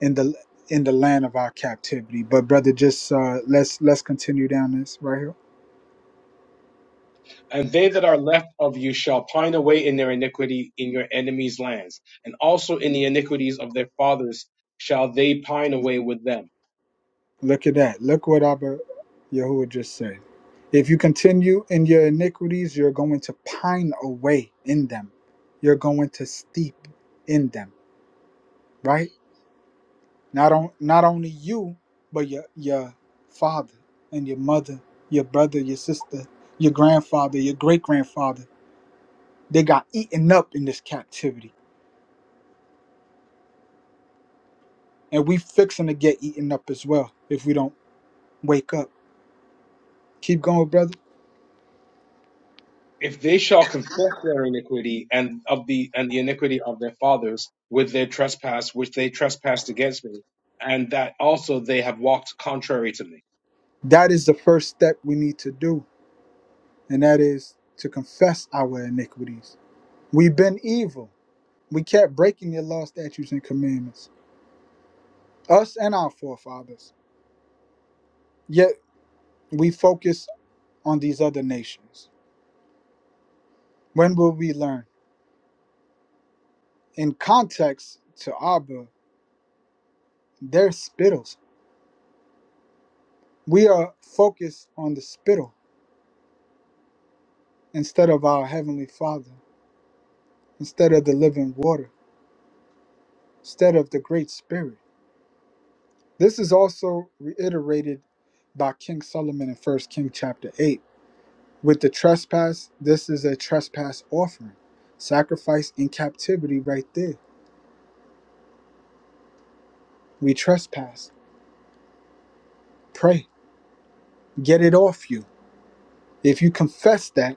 In the in the land of our captivity. But brother just uh let's let's continue down this right here. And they that are left of you shall pine away in their iniquity in your enemies' lands, and also in the iniquities of their fathers shall they pine away with them. Look at that. Look what Abba Yahuwah just said. If you continue in your iniquities, you're going to pine away in them. You're going to steep in them, right? Not on not only you, but your your father and your mother, your brother, your sister, your grandfather, your great grandfather. They got eaten up in this captivity, and we fixing to get eaten up as well if we don't wake up. Keep going, brother. If they shall confess their iniquity and of the and the iniquity of their fathers with their trespass which they trespassed against me, and that also they have walked contrary to me. That is the first step we need to do, and that is to confess our iniquities. We've been evil. We kept breaking your law, statutes, and commandments, us and our forefathers. Yet we focus on these other nations. When will we learn? In context to Abba, they're spittles. We are focused on the spittle instead of our Heavenly Father, instead of the living water, instead of the Great Spirit. This is also reiterated by King Solomon in First King chapter 8. With the trespass, this is a trespass offering. Sacrifice in captivity right there. We trespass. Pray. Get it off you. If you confess that,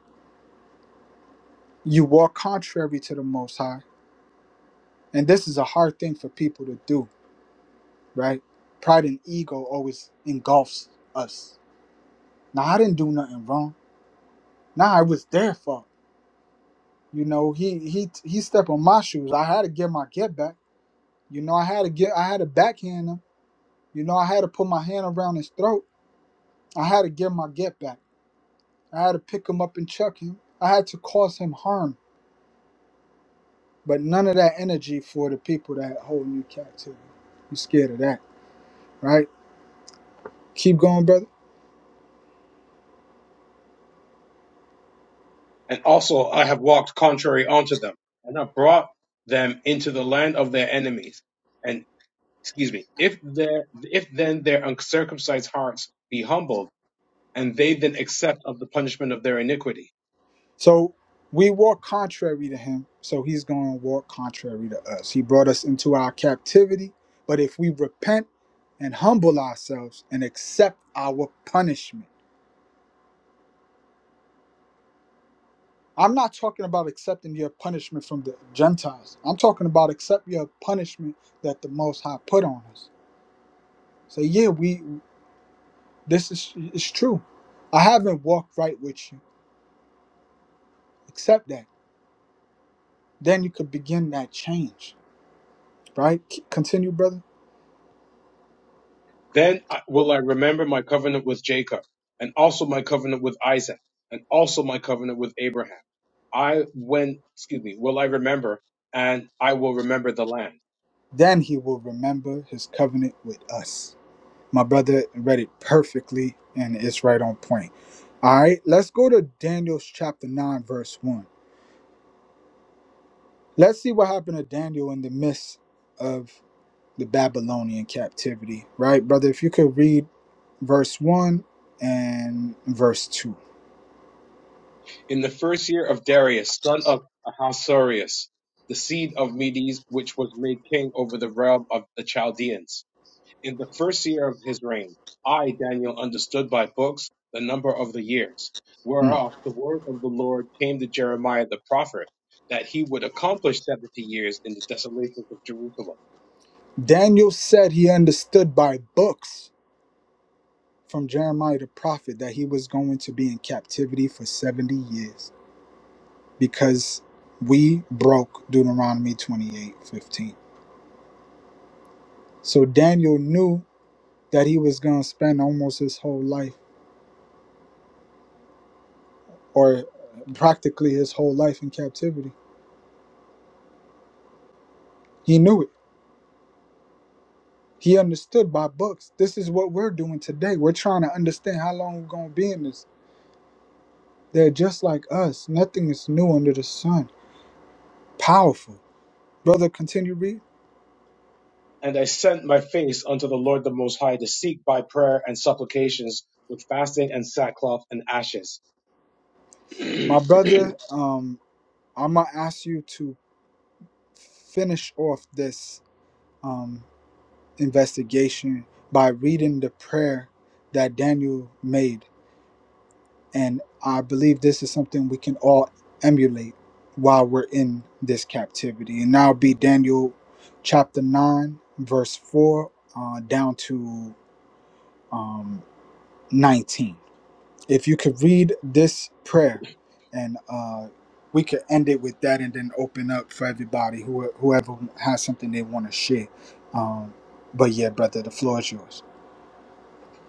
you walk contrary to the Most High And this is a hard thing for people to do, right? Pride and ego always engulfs us. Now I didn't do nothing wrong. Now I was their fault. You know, he he he stepped on my shoes. I had to get my get back. You know, I had to get I had to backhand him. You know, I had to put my hand around his throat. I had to get my get back. I had to pick him up and chuck him. I had to cause him harm. But none of that energy for the people that holding you captive. You scared of that, right? Keep going, brother. and also I have walked contrary unto them, and have brought them into the land of their enemies. And excuse me, if their if then their uncircumcised hearts be humbled, and they then accept of the punishment of their iniquity, So we walk contrary to him, so he's going to walk contrary to us. He brought us into our captivity, but if we repent and humble ourselves and accept our punishment, I'm not talking about accepting your punishment from the Gentiles. I'm talking about accept your punishment that the Most High put on us. So yeah, we this is it's true. I haven't walked right with you. Accept that. Then you could begin that change. Right? C- Continue, brother. then I- will I remember my covenant with Jacob, and also my covenant with Isaac, and also my covenant with Abraham. I when excuse me, will I remember, and I will remember the land. Then he will remember his covenant with us. My brother read it perfectly and it's right on point. All right, let's go to Daniel's chapter 9, verse 1. Let's see what happened to Daniel in the midst of the Babylonian captivity, right, brother? If you could read verse 1 and verse 2. In the first year of Darius, son of Ahasuerus, the seed of Medes, which was made king over the realm of the Chaldeans, in the first year of his reign, I, Daniel, understood by books the number of the years, Mm. whereof the word of the Lord came to Jeremiah the prophet, that he would accomplish seventy years in the desolations of Jerusalem. Daniel said he understood by books from Jeremiah the prophet that he was going to be in captivity for 70 years. because we broke Deuteronomy 28, 15. So Daniel knew that he was going to spend almost his whole life, or practically his whole life, in captivity. He knew it. He understood by books. This is what we're doing today. We're trying to understand how long we're going to be in this. They're just like us. Nothing is new under the sun. Powerful. Brother, continue read. And I sent my face unto the Lord the Most High to seek by prayer and supplications with fasting and sackcloth and ashes. My brother, um, I'm going to ask you to finish off this. um, investigation by reading the prayer that Daniel made. And I believe this is something we can all emulate while we're in this captivity. And now, be Daniel chapter 9, verse 4, uh, down to um, 19. If you could read this prayer, and uh, we could end it with that and then open up for everybody, who, whoever has something they want to share. Um, but yeah, brother, the floor is yours.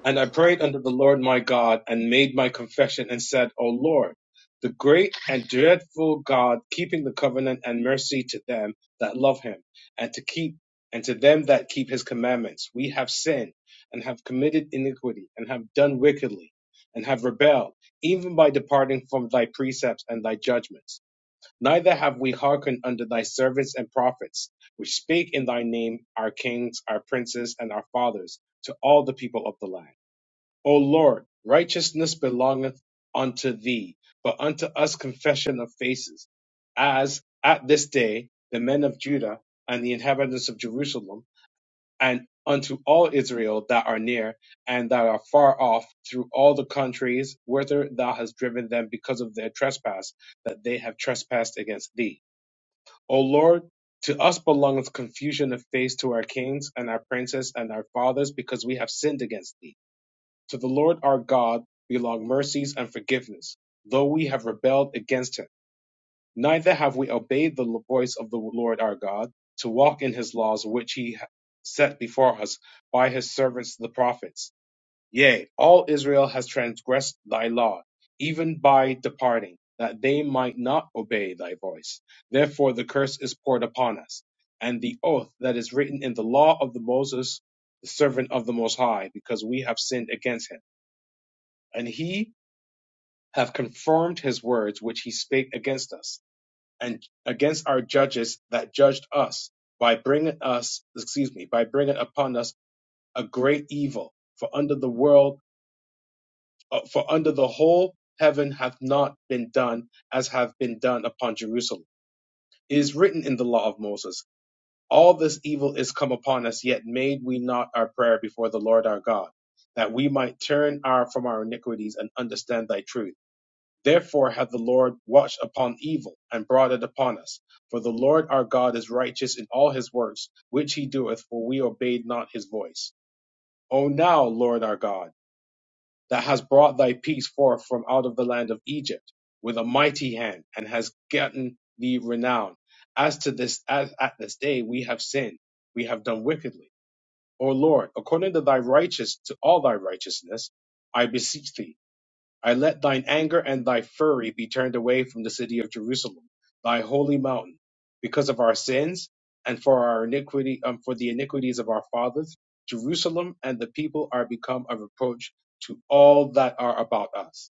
And I prayed unto the Lord my God and made my confession and said, O Lord, the great and dreadful God, keeping the covenant and mercy to them that love him and to keep and to them that keep his commandments. We have sinned and have committed iniquity and have done wickedly and have rebelled, even by departing from thy precepts and thy judgments. Neither have we hearkened unto thy servants and prophets, which spake in thy name, our kings, our princes, and our fathers, to all the people of the land. O Lord, righteousness belongeth unto thee, but unto us confession of faces, as at this day the men of Judah and the inhabitants of Jerusalem, and unto all Israel that are near and that are far off through all the countries whither thou hast driven them because of their trespass, that they have trespassed against thee. O Lord, to us belongeth confusion of face to our kings and our princes and our fathers, because we have sinned against thee. To the Lord our God belong mercies and forgiveness, though we have rebelled against him. Neither have we obeyed the voice of the Lord our God to walk in his laws which he set before us by his servants the prophets. Yea, all Israel has transgressed thy law, even by departing, that they might not obey thy voice. Therefore the curse is poured upon us, and the oath that is written in the law of the Moses, the servant of the Most High, because we have sinned against him and he have confirmed his words which he spake against us and against our judges that judged us by bringing us excuse me by bringing upon us a great evil for under the world uh, for under the whole heaven hath not been done as have been done upon jerusalem it is written in the law of moses all this evil is come upon us yet made we not our prayer before the lord our god that we might turn our from our iniquities and understand thy truth Therefore hath the Lord watched upon evil, and brought it upon us. For the Lord our God is righteous in all his works, which he doeth, for we obeyed not his voice. O now, Lord our God, that hast brought thy peace forth from out of the land of Egypt with a mighty hand, and hast gotten thee renown. As to this, as at this day we have sinned, we have done wickedly. O Lord, according to thy righteous, to all thy righteousness, I beseech thee I let thine anger and thy fury be turned away from the city of Jerusalem, thy holy mountain, because of our sins and for our iniquity, um, for the iniquities of our fathers. Jerusalem and the people are become a reproach to all that are about us.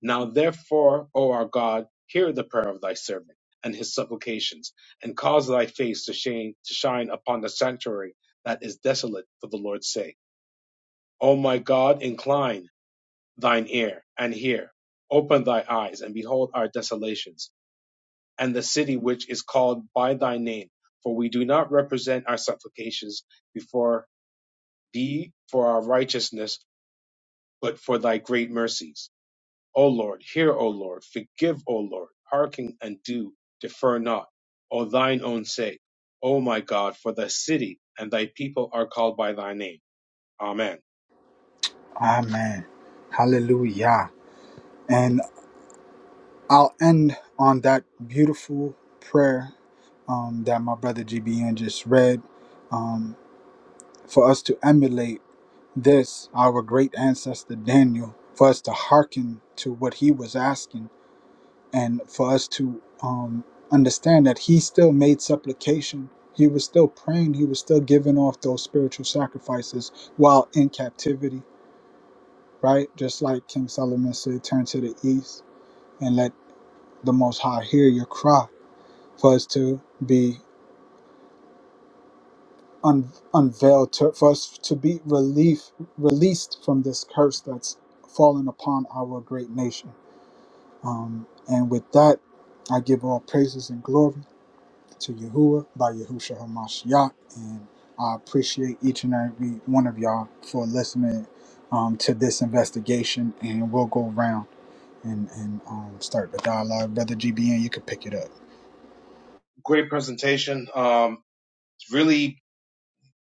Now therefore, O our God, hear the prayer of thy servant and his supplications, and cause thy face to shine, to shine upon the sanctuary that is desolate for the Lord's sake. O my God, incline thine ear, and hear. Open thy eyes, and behold our desolations, and the city which is called by thy name. For we do not represent our supplications before thee for our righteousness, but for thy great mercies. O Lord, hear, O Lord, forgive, O Lord, hearken and do, defer not, O thine own sake. O my God, for the city and thy people are called by thy name. Amen. Amen. Hallelujah. And I'll end on that beautiful prayer um, that my brother GBN just read um, for us to emulate this, our great ancestor Daniel, for us to hearken to what he was asking and for us to um, understand that he still made supplication. He was still praying. He was still giving off those spiritual sacrifices while in captivity, right? Just like King Solomon said, turn to the east and let the Most High hear your cry for us to be un- unveiled, to, for us to be relief, released from this curse that's fallen upon our great nation. Um, and with that, I give all praises and glory to Yahuwah by Yahusha HaMashiach. And I appreciate each and every one of y'all for listening um, to this investigation. And we'll go around and, and um, start the dialogue. Brother GBN, you can pick it up. Great presentation. Um, it's really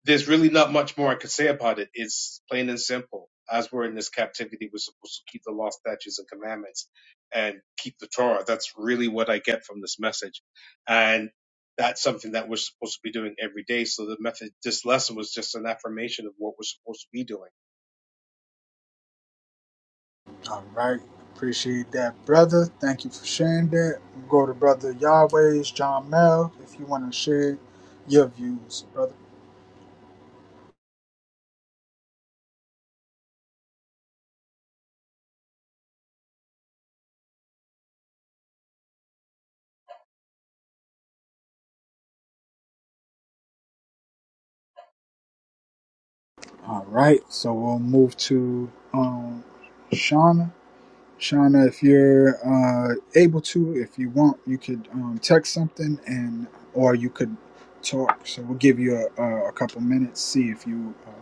there's really not much more I could say about it. It's plain and simple. As we're in this captivity, we're supposed to keep the law, statutes, and commandments and keep the Torah. That's really what I get from this message. And that's something that we're supposed to be doing every day. So the method, this lesson was just an affirmation of what we're supposed to be doing. All right. Appreciate that, brother. Thank you for sharing that. We'll go to brother Yahweh's John Mel if you want to share your views, brother. All right. So we'll move to um, Shauna. Shauna, if you're uh, able to, if you want, you could um, text something and or you could talk. So we'll give you a, a couple minutes, see if you uh,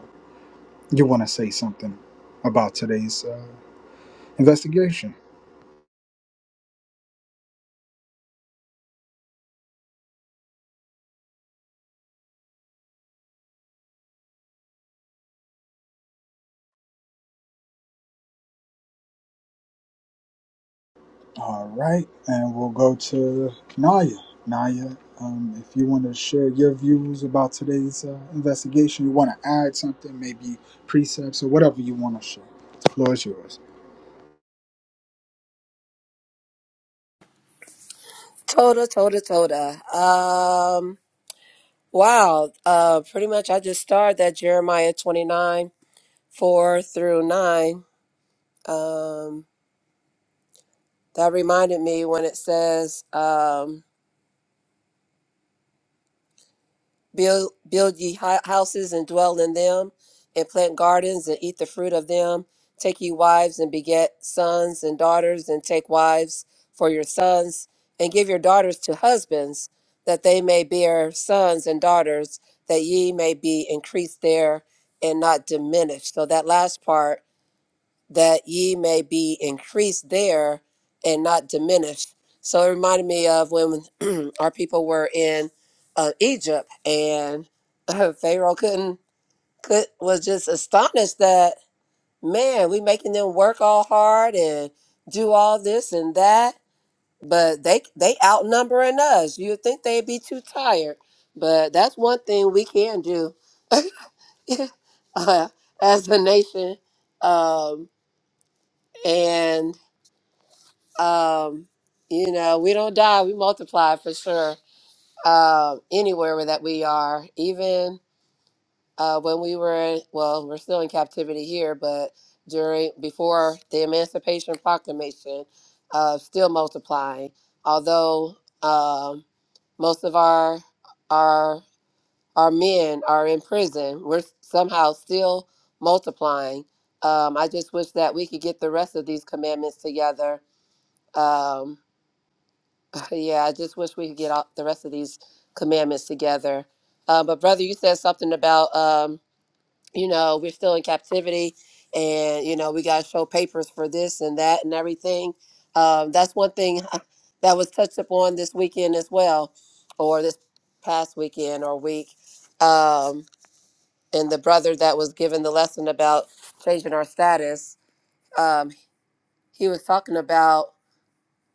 you want to say something about today's uh, investigation. All right, and we'll go to Naya. Naya, um, if you want to share your views about today's uh, investigation, you want to add something, maybe precepts or whatever you want to share, the floor is yours. Toda, toda, toda. Um, wow. Uh, pretty much I just started that Jeremiah 29, 4 through 9. Um, that reminded me when it says, um, build build ye hi- houses and dwell in them and plant gardens and eat the fruit of them take ye wives and beget sons and daughters and take wives for your sons and give your daughters to husbands that they may bear sons and daughters that ye may be increased there and not diminished so that last part that ye may be increased there and not diminished. So it reminded me of when our people were in uh, Egypt and uh, Pharaoh couldn't could was just astonished that man we making them work all hard and do all this and that, but they they outnumbering us. You'd think they'd be too tired, but that's one thing we can do uh, as a nation. Um, and Um, you know, we don't die, we multiply for sure. Um, anywhere that we are, even uh, when we were, well, we're still in captivity here, but during before the Emancipation Proclamation, uh, still multiplying. Although um, most of our our our men are in prison, we're somehow still multiplying. Um, I just wish that we could get the rest of these commandments together um, Yeah, I just wish we could get all the rest of these commandments together. Uh, but brother, you said something about um, you know we're still in captivity, and you know we got to show papers for this and that and everything. Um, that's one thing that was touched upon this weekend as well, or this past weekend or week. Um, and the brother that was given the lesson about changing our status, um, he was talking about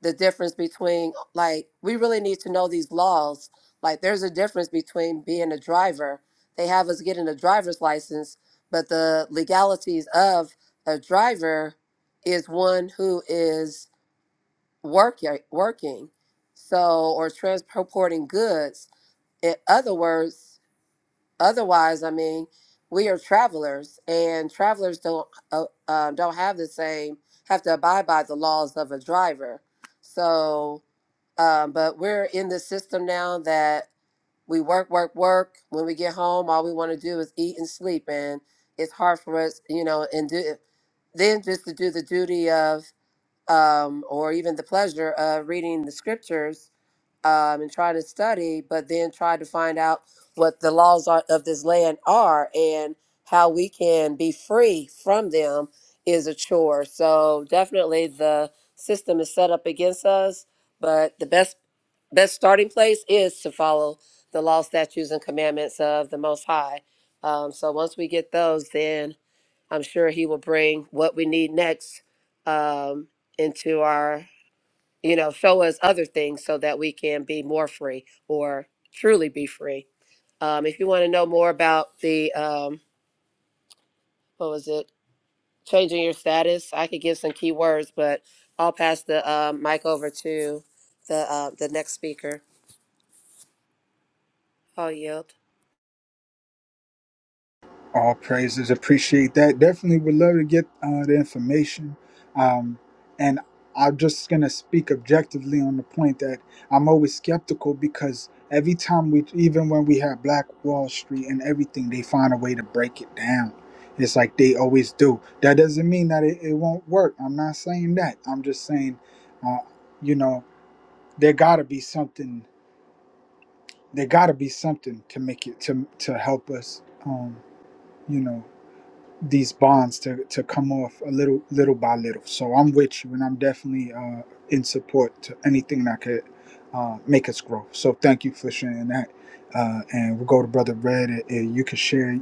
the difference between like we really need to know these laws like there's a difference between being a driver they have us getting a driver's license but the legalities of a driver is one who is working working so or transporting goods in other words otherwise i mean we are travelers and travelers don't uh, uh, don't have the same have to abide by the laws of a driver so um, but we're in this system now that we work, work, work. When we get home, all we want to do is eat and sleep, and it's hard for us, you know, and do eh, then just to do the duty of um, or even the pleasure of reading the scriptures um, and try to study, but then try to find out what the laws are, of this land are and how we can be free from them is a chore. So definitely the system is set up against us, but the best best starting place is to follow the law, statutes, and commandments of the Most High. Um, so once we get those, then I'm sure He will bring what we need next um, into our you know, show us other things so that we can be more free or truly be free. Um, if you want to know more about the, um, what was it, changing your status, I could give some key words, but I'll pass the um mic over to the uh, the next speaker. I'll yield. All praises. Appreciate that. Definitely would love to get uh, the information. Um, and I'm just going to speak objectively on the point that I'm always skeptical because every time we, even when we have Black Wall Street and everything, they find a way to break it down. It's like they always do. That doesn't mean that it, it won't work. I'm not saying that. I'm just saying, uh, you know, there got to be something. There got to be something to make it to to help us. Um, you know these bonds to, to come off a little little by little. So I'm with you, and I'm definitely uh, in support to anything that could uh, make us grow. So thank you for sharing that. Uh, and we'll go to Brother Red, and and you can share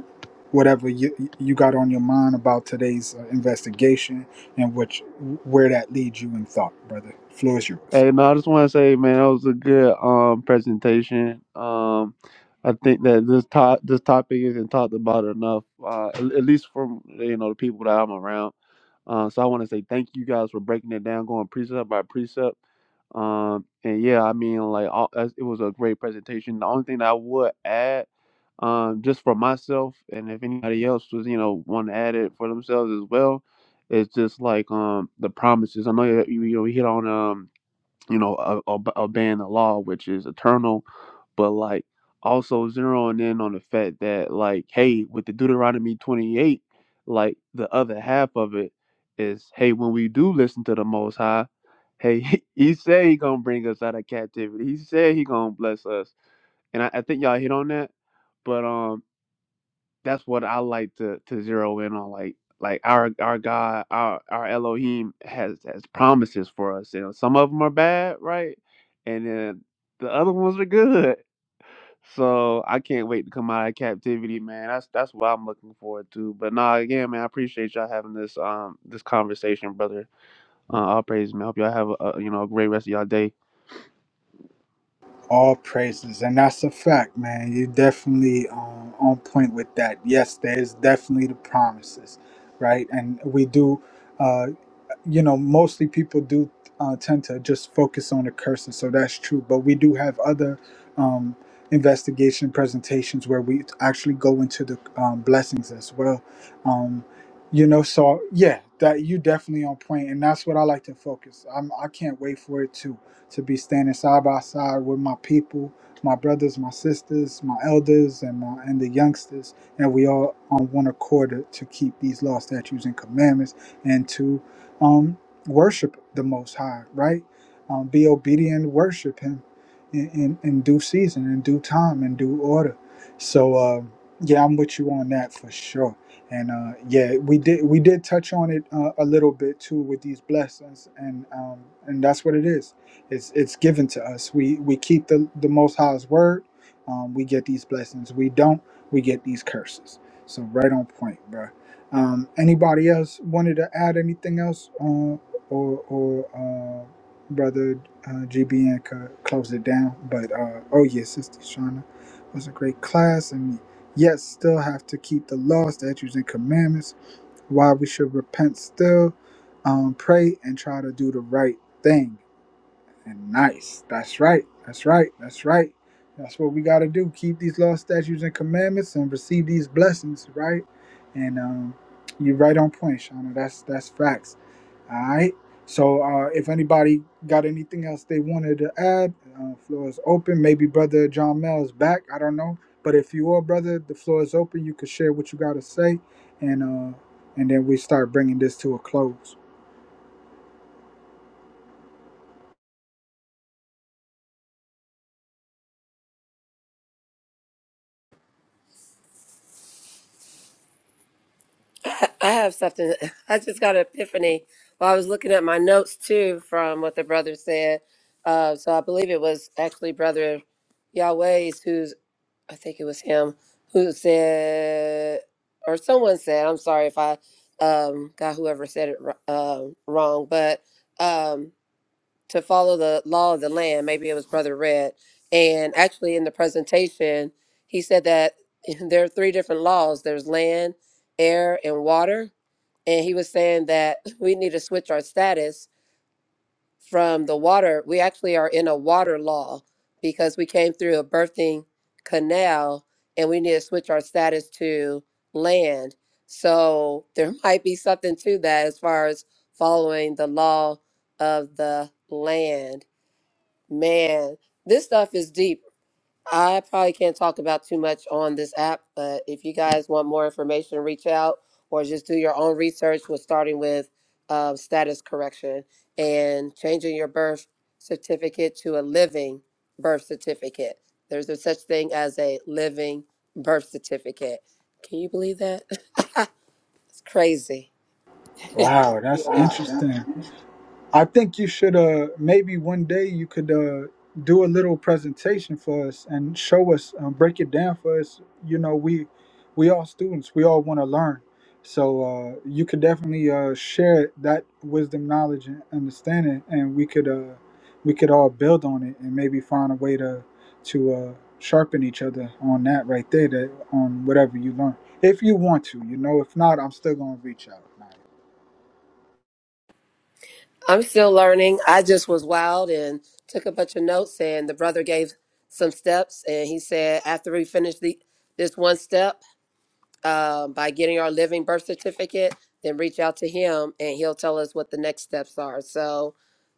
whatever you you got on your mind about today's uh, investigation and which where that leads you in thought, brother. Floor is yours. Hey, no, I just want to say, man, that was a good um presentation. Um, I think that this top this topic isn't talked about enough, uh, at, at least from you know the people that I'm around. Uh, so I want to say thank you guys for breaking it down, going precept by precept. Um, and yeah, I mean, like, all, as- it was a great presentation. The only thing that I would add, um, just for myself, and if anybody else was, you know, want to add it for themselves as well, it's just like um the promises. I know that you you know we hit on um you know, o- ob- obeying the law, which is eternal, but like also zeroing in on the fact that, like, hey, with the Deuteronomy 28, like the other half of it is, hey, when we do listen to the Most High, hey, He he said He gonna bring us out of captivity. He said He gonna bless us, and I, I think y'all hit on that. But um, that's what I like to to zero in on. Like like our our God, our our Elohim has has promises for us. You know, some of them are bad, right? And then the other ones are good. So I can't wait to come out of captivity, man. That's that's what I'm looking forward to. But nah, again, man, I appreciate y'all having this um this conversation, brother. Uh, all praise, man. Hope y'all have a, a you know a great rest of y'all day. All praises, and that's a fact, man. You definitely um, on point with that. Yes, there is definitely the promises, right? And we do, uh, you know, mostly people do uh, tend to just focus on the curses, so that's true. But we do have other um, investigation presentations where we actually go into the um, blessings as well. Um, you know, so yeah, that you definitely on point, and that's what I like to focus. I'm I can't wait for it too to be standing side by side with my people, my brothers, my sisters, my elders, and my and the youngsters, and we all on one accord to, to keep these law, statutes, and commandments, and to um, worship the Most High, right? Um, be obedient, worship Him in, in, in due season, in due time, in due order. So uh, yeah, I'm with you on that for sure. And uh, yeah, we did we did touch on it uh, a little bit too with these blessings, and um, and that's what it is it's it's given to us. We we keep the the Most High's word. Um, we get these blessings. We don't. We get these curses. So right on point, bro. Um, anybody else wanted to add anything else, uh, or or uh, brother uh, GBN could close it down? But uh, oh yeah, sister Shauna was a great class, and yet still have to keep the law, statutes, and commandments. Why we should repent still, um, pray, and try to do the right thing and nice. That's right. That's right. That's right. That's what we got to do. Keep these laws, statutes, and commandments and receive these blessings, right? And um, you're right on point, Shauna. That's that's facts. All right. So uh, if anybody got anything else they wanted to add, uh, floor is open. Maybe Brother John Mel is back. I don't know. But if you are, brother, the floor is open. You can share what you got to say. And, uh, and then we start bringing this to a close. I I have something. I just got an epiphany while I was looking at my notes too from what the brother said. Uh, so I believe it was actually Brother Yahweh's who's I think it was him who said, or someone said, I'm sorry if I um, got whoever said it wr- um wrong, but um, to follow the law of the land, maybe it was Brother Red. And actually, in the presentation, he said that there are three different laws there's land, air, and water. And he was saying that we need to switch our status from the water. We actually are in a water law because we came through a birthing canal and we need to switch our status to land. So there might be something to that as far as following the law of the land. Man, this stuff is deep. I probably can't talk about too much on this app, but if you guys want more information, reach out or just do your own research with starting with um, status correction and changing your birth certificate to a living birth certificate. There's a such thing as a living birth certificate. Can you believe that? it's crazy. Wow, that's interesting. I think you should uh maybe one day you could uh do a little presentation for us and show us um, break it down for us. You know, we we all students, we all want to learn. So uh you could definitely uh share that wisdom, knowledge and understanding and we could uh we could all build on it and maybe find a way to to uh sharpen each other on that right there that on whatever you learn. If you want to, you know, if not, I'm still gonna reach out. I'm still learning. I just was wild and took a bunch of notes. And the brother gave some steps, and he said after we finish the this one step uh, by getting our living birth certificate, then reach out to him, and he'll tell us what the next steps are. So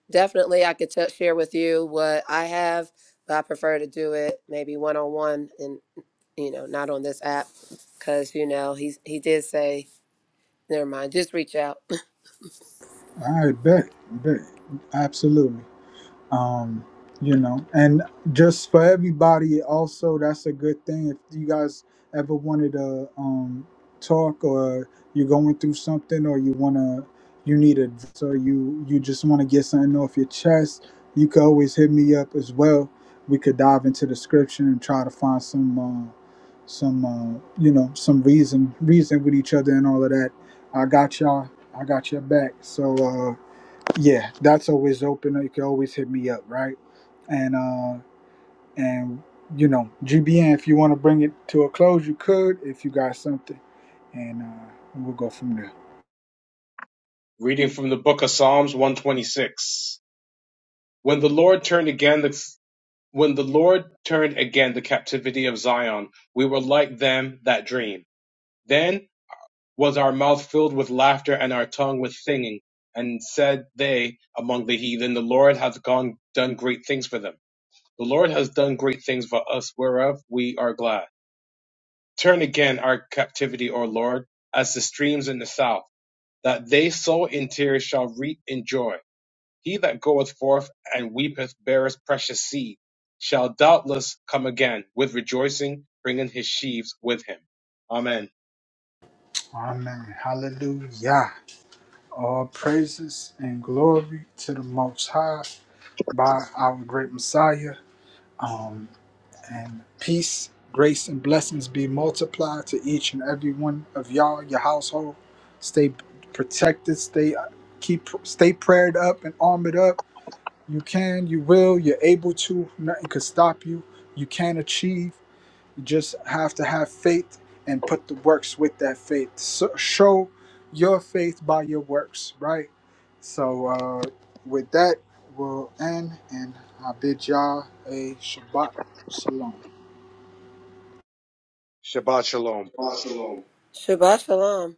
definitely, I could t- share with you what I have, but I prefer to do it maybe one on one, and you know, not on this app, because you know he's he did say never mind, just reach out. All right, bet, bet. Absolutely. um you know and just for everybody also that's a good thing if you guys ever wanted to um talk or you're going through something or you want to you need advice, or you you just want to get something off your chest you could always hit me up as well we could dive into the scripture and try to find some uh some uh you know some reason reason with each other and all of that i got y'all i got your back so uh, yeah, that's always open. You can always hit me up, right? And uh and you know, GBN, if you want to bring it to a close, you could if you got something, and uh, we'll go from there. Reading from the book of Psalms 126. When the Lord turned again the, when the Lord turned again the captivity of Zion, we were like them that dream. Then was our mouth filled with laughter and our tongue with singing. And said they among the heathen, The Lord hath gone done great things for them. The Lord has done great things for us, whereof we are glad. Turn again our captivity, O Lord, as the streams in the south, that they sow in tears shall reap in joy. He that goeth forth and weepeth beareth precious seed, shall doubtless come again with rejoicing, bringing his sheaves with him. Amen. Amen. Hallelujah. All praises and glory to the Most High by our great Messiah. Um. And peace, grace, and blessings be multiplied to each and every one of y'all, your household. Stay protected. Stay keep stay prayed up and armored up. You can, you will, you're able to. Nothing could stop you. You can achieve. You just have to have faith and put the works with that faith. So, show your faith by your works, right? So, uh, with that, we'll end, and I bid y'all a Shabbat Shalom. Shabbat shalom. Shabbat shalom. Shabbat shalom.